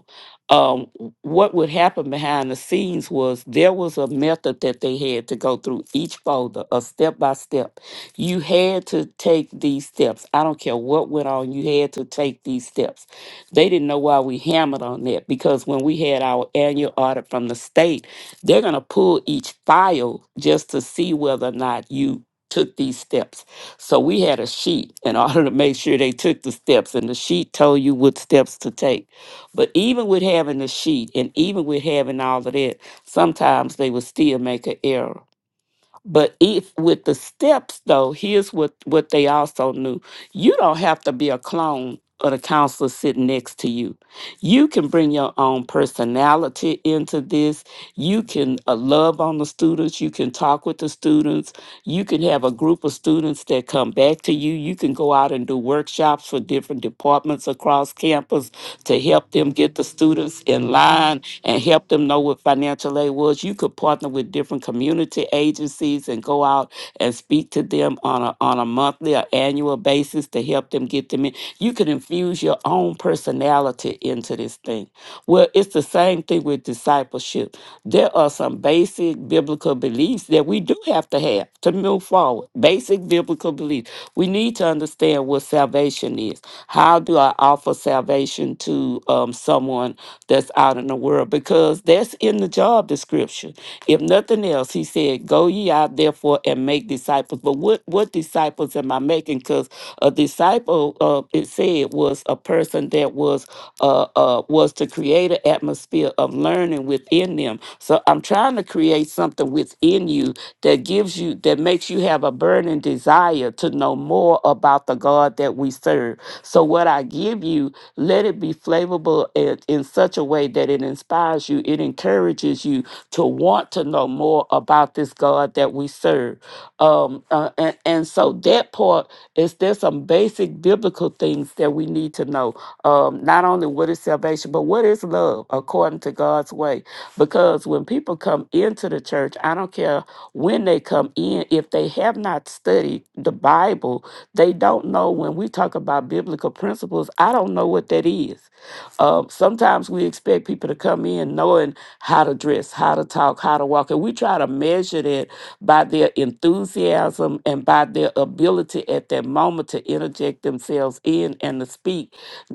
F: um, what would happen behind the scenes was there was a method that they had to go through each folder, a step by step. You had to take these steps. I don't care what went on, you had to take these steps. They didn't know why we hammered on that because when we had our annual audit from the state, they're going to pull each file just to see whether or not you took these steps. So we had a sheet in *laughs* order to make sure they took the steps, and the sheet told you what steps to take. But even with having the sheet and even with having all of that, sometimes they would still make an error. But if with the steps though, here's what what they also knew. You don't have to be a clone of the counselor sitting next to you. You can bring your own personality into this. You can uh, love on the students. You can talk with the students. You can have a group of students that come back to you. You can go out and do workshops for different departments across campus to help them get the students in line and help them know what financial aid was. You could partner with different community agencies and go out and speak to them on a on a monthly or annual basis to help them get them in. You can infuse your own personality into this thing. Well, it's the same thing with discipleship. There are some basic biblical beliefs that we do have to have to move forward. Basic biblical beliefs. We need to understand what salvation is. How do I offer salvation to um, someone that's out in the world because that's in the job description. If nothing else, he said, Go ye out therefore and make disciples. But what, what disciples am I making? Because a disciple, uh, it said, was a person that was uh, uh, was to create an atmosphere of learning within them. So I'm trying to create something within you that gives you that makes you have a burning desire to know more about the God that we serve. So what I give you, let it be flavorful in, in such a way that it inspires you, it encourages you to want to know more about this God that we serve. Um, uh, and, and so that part is there's some basic biblical things that we need to know um, not only what is salvation, but what is love according to God's way. Because when people come into the church, I don't care when they come in, if they have not studied the Bible, they don't know when we talk about biblical principles, I don't know what that is. Um, sometimes we expect people to come in knowing how to dress, how to talk, how to walk, and we try to measure that by their enthusiasm and by their ability at that moment to interject themselves in and to speak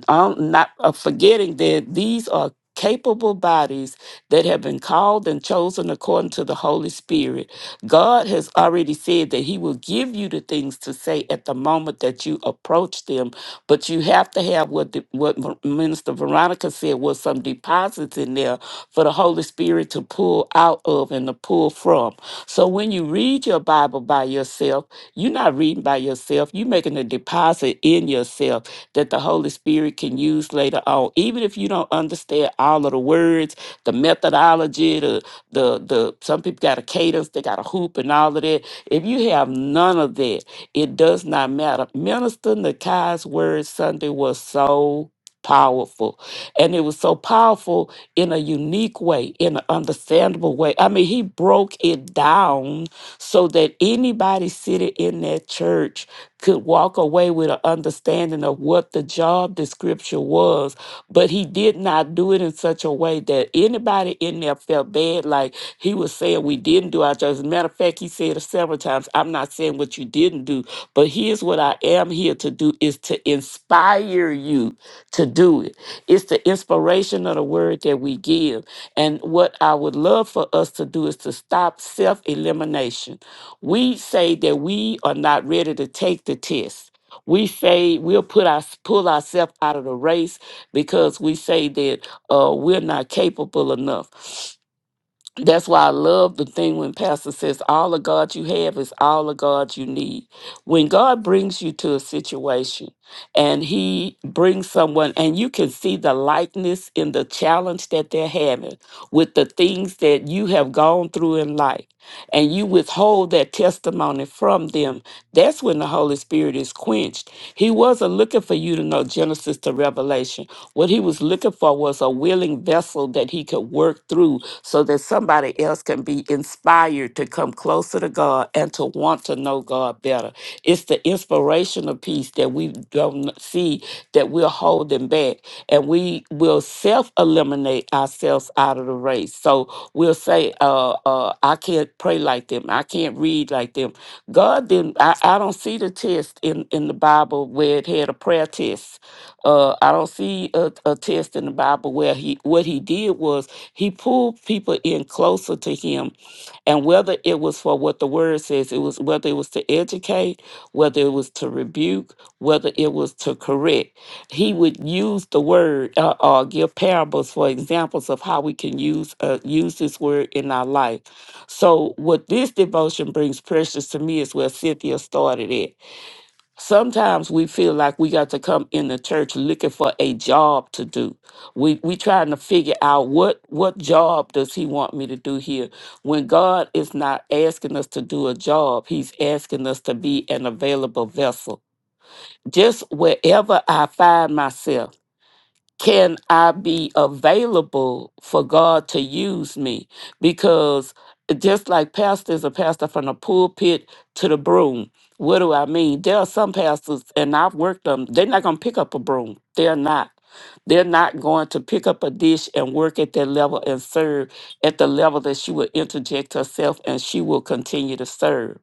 F: I'm not uh, forgetting that these are capable bodies that have been called and chosen according to the Holy Spirit. God has already said that He will give you the things to say at the moment that you approach them, but you have to have what the, what Ver- Minister Veronica said was some deposits in there for the Holy Spirit to pull out of and to pull from. So when you read your Bible by yourself, you're not reading by yourself. You're making a deposit in yourself that the Holy Spirit can use later on. Even if you don't understand all of the words, the methodology, the the the some people got a cadence, they got a hoop and all of that. If you have none of that, it does not matter. Minister Nakai's word Sunday was so powerful. And it was so powerful in a unique way, in an understandable way. I mean, he broke it down so that anybody sitting in that church could walk away with an understanding of what the job description was, but he did not do it in such a way that anybody in there felt bad. Like he was saying, we didn't do our job. As a matter of fact, he said it several times. I'm not saying what you didn't do, but here's what I am here to do is to inspire you to do it. It's the inspiration of the word that we give. And what I would love for us to do is to stop self elimination we say that we are not ready to take the test. We say we'll put our, pull ourselves out of the race because we say that uh, we're not capable enough. That's why I love the thing when Pastor says, All of God you have is all of God you need. When God brings you to a situation and He brings someone, and you can see the likeness in the challenge that they're having with the things that you have gone through in life, and you withhold that testimony from them, that's when the Holy Spirit is quenched. He wasn't looking for you to know Genesis to Revelation. What he was looking for was a willing vessel that he could work through so that somebody else can be inspired to come closer to God and to want to know God better. It's the inspirational piece that we don't see that we're holding back, and we will self eliminate ourselves else out of the race. So we'll say, uh, uh, I can't pray like them. I can't read like them. God didn't, I, I don't see the test in, in the Bible where it had a prayer test. Uh, I don't see a, a test in the Bible where he, what he did was he pulled people in closer to him and whether it was for what the word says, it was whether it was to educate, whether it was to rebuke, whether it was to correct he would use the word uh, uh, give parables for examples of how we can use uh, use this word in our life. So what this devotion brings precious to me is where Cynthia started it. Sometimes we feel like we got to come in the church looking for a job to do. We we trying to figure out what what job does he want me to do here? When God is not asking us to do a job, he's asking us to be an available vessel. Just wherever I find myself can I be available for God to use me? Because just like pastors a pastor from the pulpit to the broom. What do I mean? There are some pastors, and I've worked them, they're not going to pick up a broom. They're not. They're not going to pick up a dish and work at that level and serve at the level that she will interject herself and she will continue to serve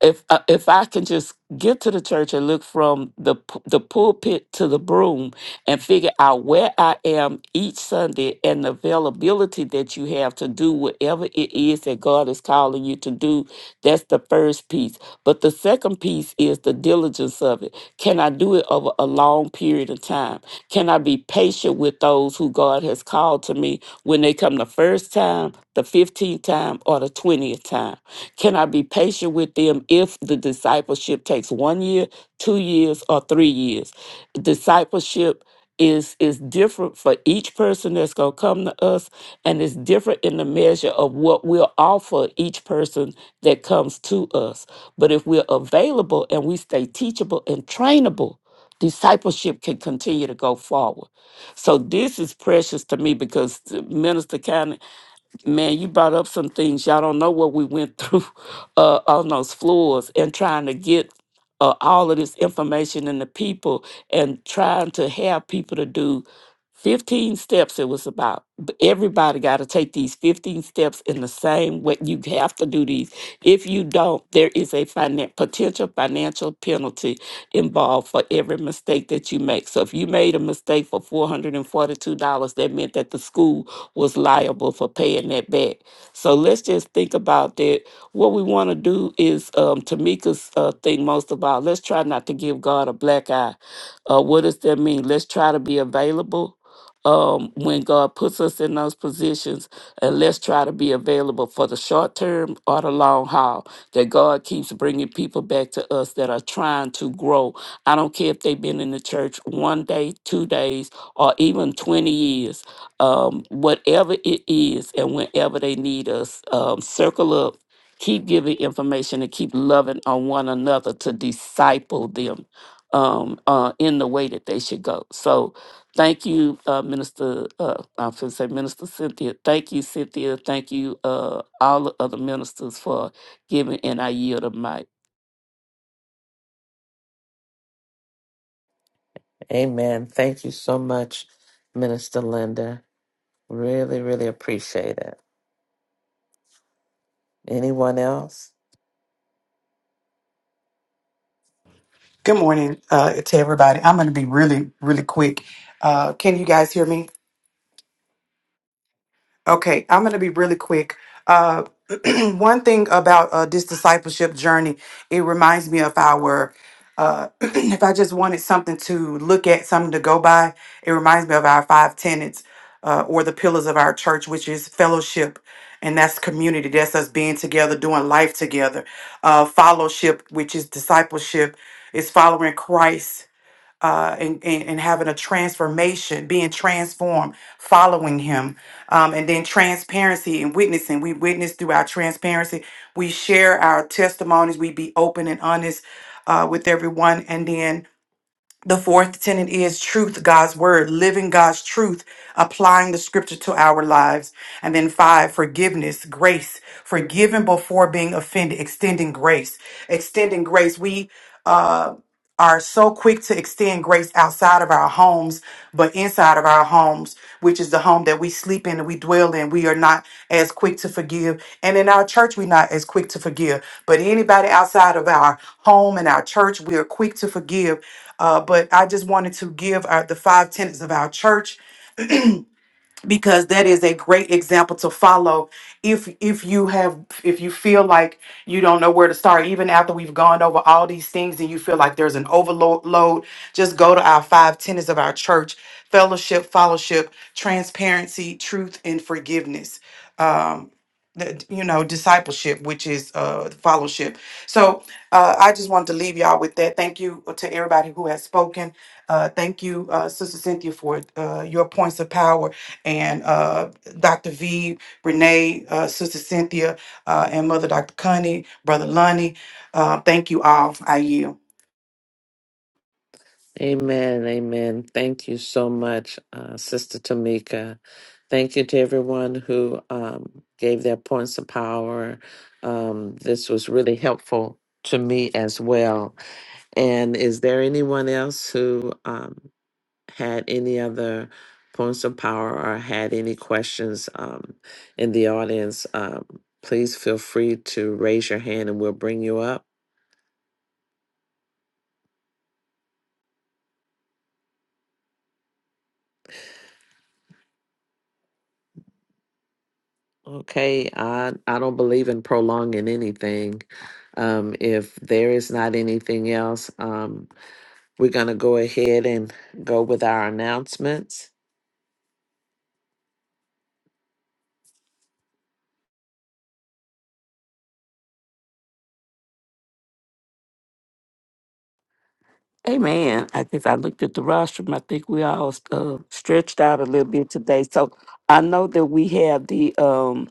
F: if I- if I can just get to the church and look from the pu- the pulpit to the broom and figure out where I am each Sunday and the availability that you have to do whatever it is that God is calling you to do, that's the first piece. But the second piece is the diligence of it. Can I do it over a long period of time? Can I be patient with those who God has called to me when they come the first time? the 15th time or the 20th time? Can I be patient with them if the discipleship takes one year, two years, or three years? Discipleship is is different for each person that's going to come to us and it's different in the measure of what we'll offer each person that comes to us but if we're available and we stay teachable and trainable discipleship can continue to go forward so this is precious to me because the minister kind Man, you brought up some things. Y'all don't know what we went through *laughs* uh, on those floors and trying to get uh, all of this information in the people and trying to have people to do 15 steps. It was about B- everybody got to take these 15 steps in the same way. You have to do these. If you don't, there is a finan- potential financial penalty involved for every mistake that you make. So if you made a mistake for $442, that meant that the school was liable for paying that back. So let's just think about that. What we want to do is um, Tamika's uh, thing most of all. Let's try not to give God a black eye. Uh, what does that mean? Let's try to be available um, when God puts us in those positions, and let's try to be available for the short term or the long haul. That God keeps bringing people back to us that are trying to grow. I don't care if they've been in the church one day, two days, or even 20 years um, whatever it is and whenever they need us. Um, circle up, keep giving information, and keep loving on one another to disciple them um, uh, in the way that they should go. So, thank you, uh, Minister. Uh, I'm going to say Minister Cynthia. Thank you, Cynthia. Thank you, uh, all the other ministers for giving, and I yield a mic.
A: Amen. Thank you so much, Minister Linda. Really, really appreciate it. Anyone else?
G: Good morning uh, to everybody. I'm going to be really, really quick. Uh, can you guys hear me? Okay, I'm going to be really quick. Uh, *clears throat* one thing about uh, this discipleship journey, it reminds me of our. Uh, *clears throat* if I just wanted something to look at, something to go by, it reminds me of our five tenets uh, or the pillars of our church, which is fellowship, and that's community. That's us being together, doing life together. Uh, fellowship, which is discipleship, is following Christ uh, and, and, and having a transformation, being transformed, following Him. Um, and then transparency and witnessing. We witness through our transparency. We share our testimonies. We be open and honest uh, with everyone. And then the fourth tenet is truth, God's word, living God's truth, applying the scripture to our lives. And then five, forgiveness, grace, forgiving before being offended, extending grace, extending grace. We, uh, are so quick to extend grace outside of our homes, but inside of our homes, which is the home that we sleep in and we dwell in, we are not as quick to forgive. And in our church, we're not as quick to forgive. But anybody outside of our home and our church, we are quick to forgive uh, but I just wanted to give our, the five tenets of our church because that is a great example to follow if if you have if you feel like you don't know where to start even after we've gone over all these things and you feel like there's an overload just go to our five tenets of our church fellowship fellowship transparency truth and forgiveness um the, you know discipleship which is uh fellowship so uh i just wanted to leave y'all with that thank you uh, to everybody who has spoken uh thank you uh sister cynthia for uh your points of power and uh, Dr. V, Renee, uh, Sister Cynthia, uh, and Mother Dr. Connie, Brother Lonnie. Uh, thank you all. I yield.
A: Amen. Amen. Thank you so much, uh, Sister Tamika. Thank you to everyone who um, gave their points of power. Um, this was really helpful to me as well. And is there anyone else who um, had any other points of power or had any questions um, in the audience? Um, please feel free to raise your hand and we'll bring you up. Okay, I I don't believe in prolonging anything. Um, if there is not anything else, um, we're gonna go ahead and go with our announcements.
F: Amen. I think I looked at the rostrum. I think we all uh, stretched out a little bit today. So I know that we have the um,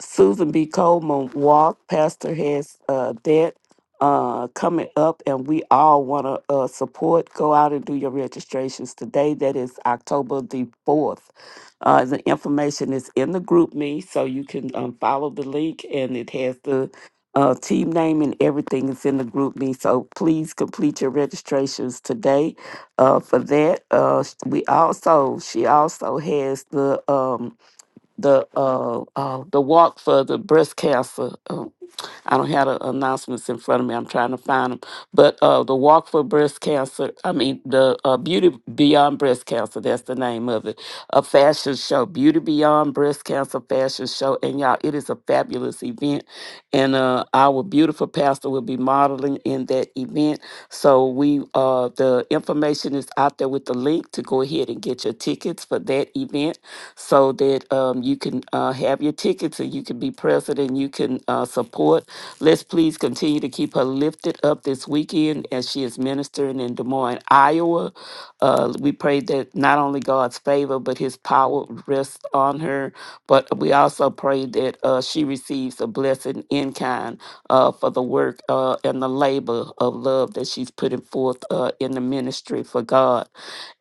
F: Susan B. Coleman walk. Pastor has uh, that uh, coming up, and we all want to uh, support. Go out and do your registrations today. That is October the 4th. Uh, the information is in the group me, so you can um, follow the link, and it has the uh, team name and everything is in the group me. So please complete your registrations today uh, for that. Uh, we also, she also has the. Um, the uh, uh the walk for the breast cancer. Um, I don't have the announcements in front of me. I'm trying to find them. But uh, the walk for breast cancer. I mean the uh, beauty beyond breast cancer. That's the name of it. A fashion show, beauty beyond breast cancer fashion show. And y'all, it is a fabulous event. And uh, our beautiful pastor will be modeling in that event. So we uh the information information is out there with the link to go ahead and get your tickets for that event so that um, you can uh, have your tickets and you can be present and you can uh, support. Let's please continue to keep her lifted up this weekend as she is ministering in Des Moines, Iowa. Uh, we pray that not only God's favor, but his power rests on her. But we we also pray that uh, she receives a blessing in kind uh, for the work uh, and the labor of love that she's putting forth uh, in the ministry for God.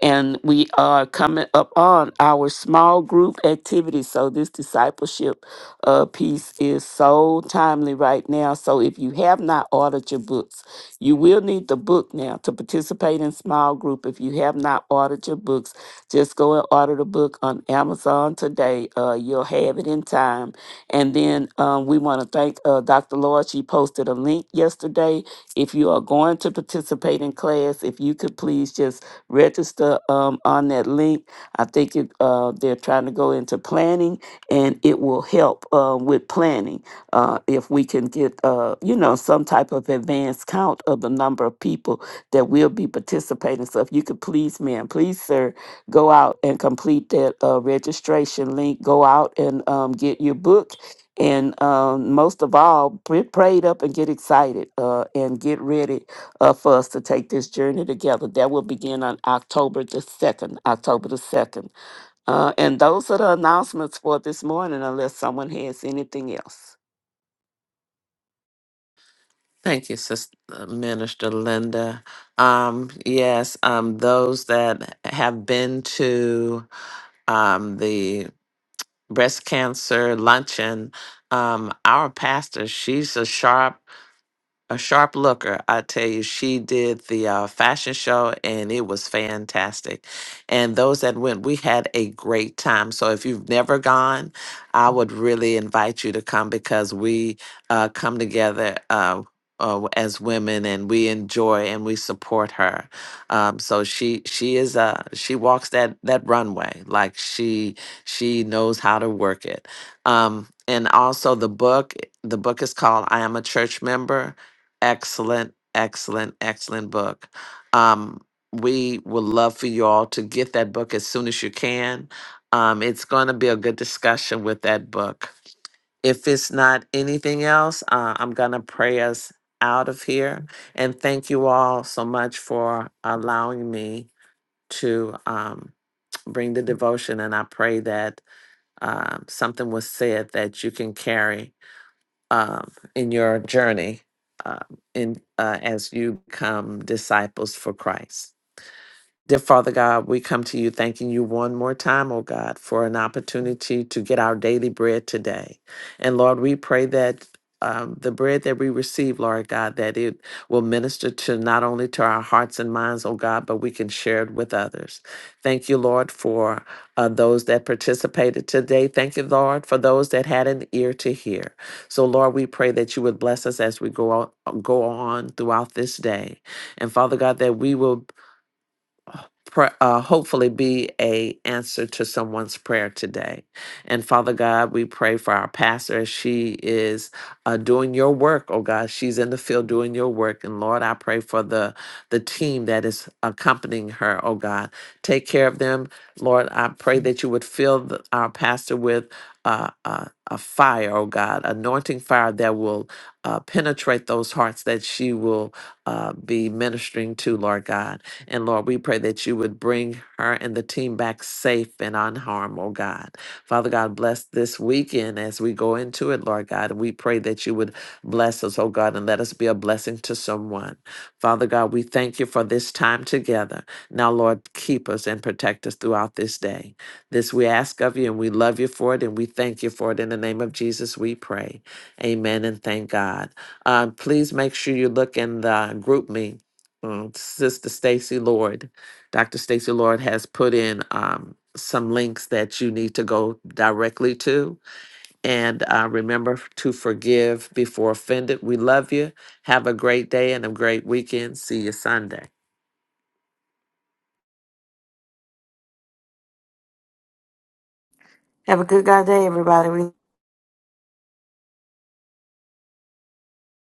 F: And we are coming up on our small group activity. So this discipleship uh, piece is so timely right now. So if you have not ordered your books, you will need the book now to participate in small group. If you have not ordered your books, just go and order the book on Amazon today. Uh, you'll have it in time. And then um, we want to thank uh, Dr. Lord. She posted a link yesterday. If you are going to participate in class, if you could please just register um, on that link. I think it, uh, they're trying to go into planning, and it will help uh, with planning uh, if we can get uh, you know some type of advanced count of the number of people that will be participating. So if you could please, ma'am, please, sir, go out and complete that uh, registration link. Go out and um, get your book. And um, most of all, pray prayed up and get excited uh, and get ready uh, for us to take this journey together. That will begin on October the 2nd, October the 2nd. Uh, and those are the announcements for this morning, unless someone has anything else.
A: Thank you, Sister Minister Linda. Um, yes, um, those that have been to um the breast cancer luncheon, um, our pastor, she's a sharp. a sharp looker. I tell you, she did the uh, fashion show and it was fantastic. And those that went, we had a great time. So if you've never gone, I would really invite you to come because we uh, come together. Uh, uh, as women and we enjoy and we support her um, so she she is uh she walks that that runway like she she knows how to work it um, and also the book the book is called i am a church member excellent, excellent, excellent book. Um, we would love for you all to get that book as soon as you can. Um, it's going to be a good discussion with that book. If it's not anything else, uh, I'm going to pray us out of here. And thank you all so much for allowing me to um, bring the devotion. And I pray that um, something was said that you can carry um, in your journey um, in uh, as you become disciples for Christ. Dear Father God, we come to you thanking you one more time, oh God, for an opportunity to get our daily bread today. And Lord, we pray that um, the bread that we receive, Lord God, that it will minister to not only to our hearts and minds, oh God, but we can share it with others. Thank you, Lord, for uh, those that participated today. Thank you, Lord, for those that had an ear to hear. So, Lord, we pray that you would bless us as we go on, go on throughout this day. And Father God, that we will pr- uh, hopefully be a answer to someone's prayer today. And Father God, we pray for our pastor as she is uh, doing your work. Oh God, she's in the field doing your work. And Lord, I pray for the the team that is accompanying her. Oh God, take care of them, Lord. I pray that you would fill the, our pastor with. Uh, uh, a fire, oh God, anointing fire that will uh, penetrate those hearts that she will uh, be ministering to, Lord God. And Lord, we pray that you would bring her and the team back safe and unharmed, oh God. Father God, bless this weekend as we go into it, Lord God. And we pray that you would bless us, oh God, and let us be a blessing to someone. Father God, we thank you for this time together. Now, Lord, keep us and protect us throughout this day. This we ask of you, and we love you for it, and we thank you for it. In the name of Jesus, we pray. Amen and thank God. Uh, please make sure you look in the group me um, Sister Stacy Lord. Dr. Stacy Lord has put in um, some links that you need to go directly to. And uh, remember f- to forgive before offended. We love you. Have a great day and a great weekend. See you Sunday.
C: Have a good God day, everybody.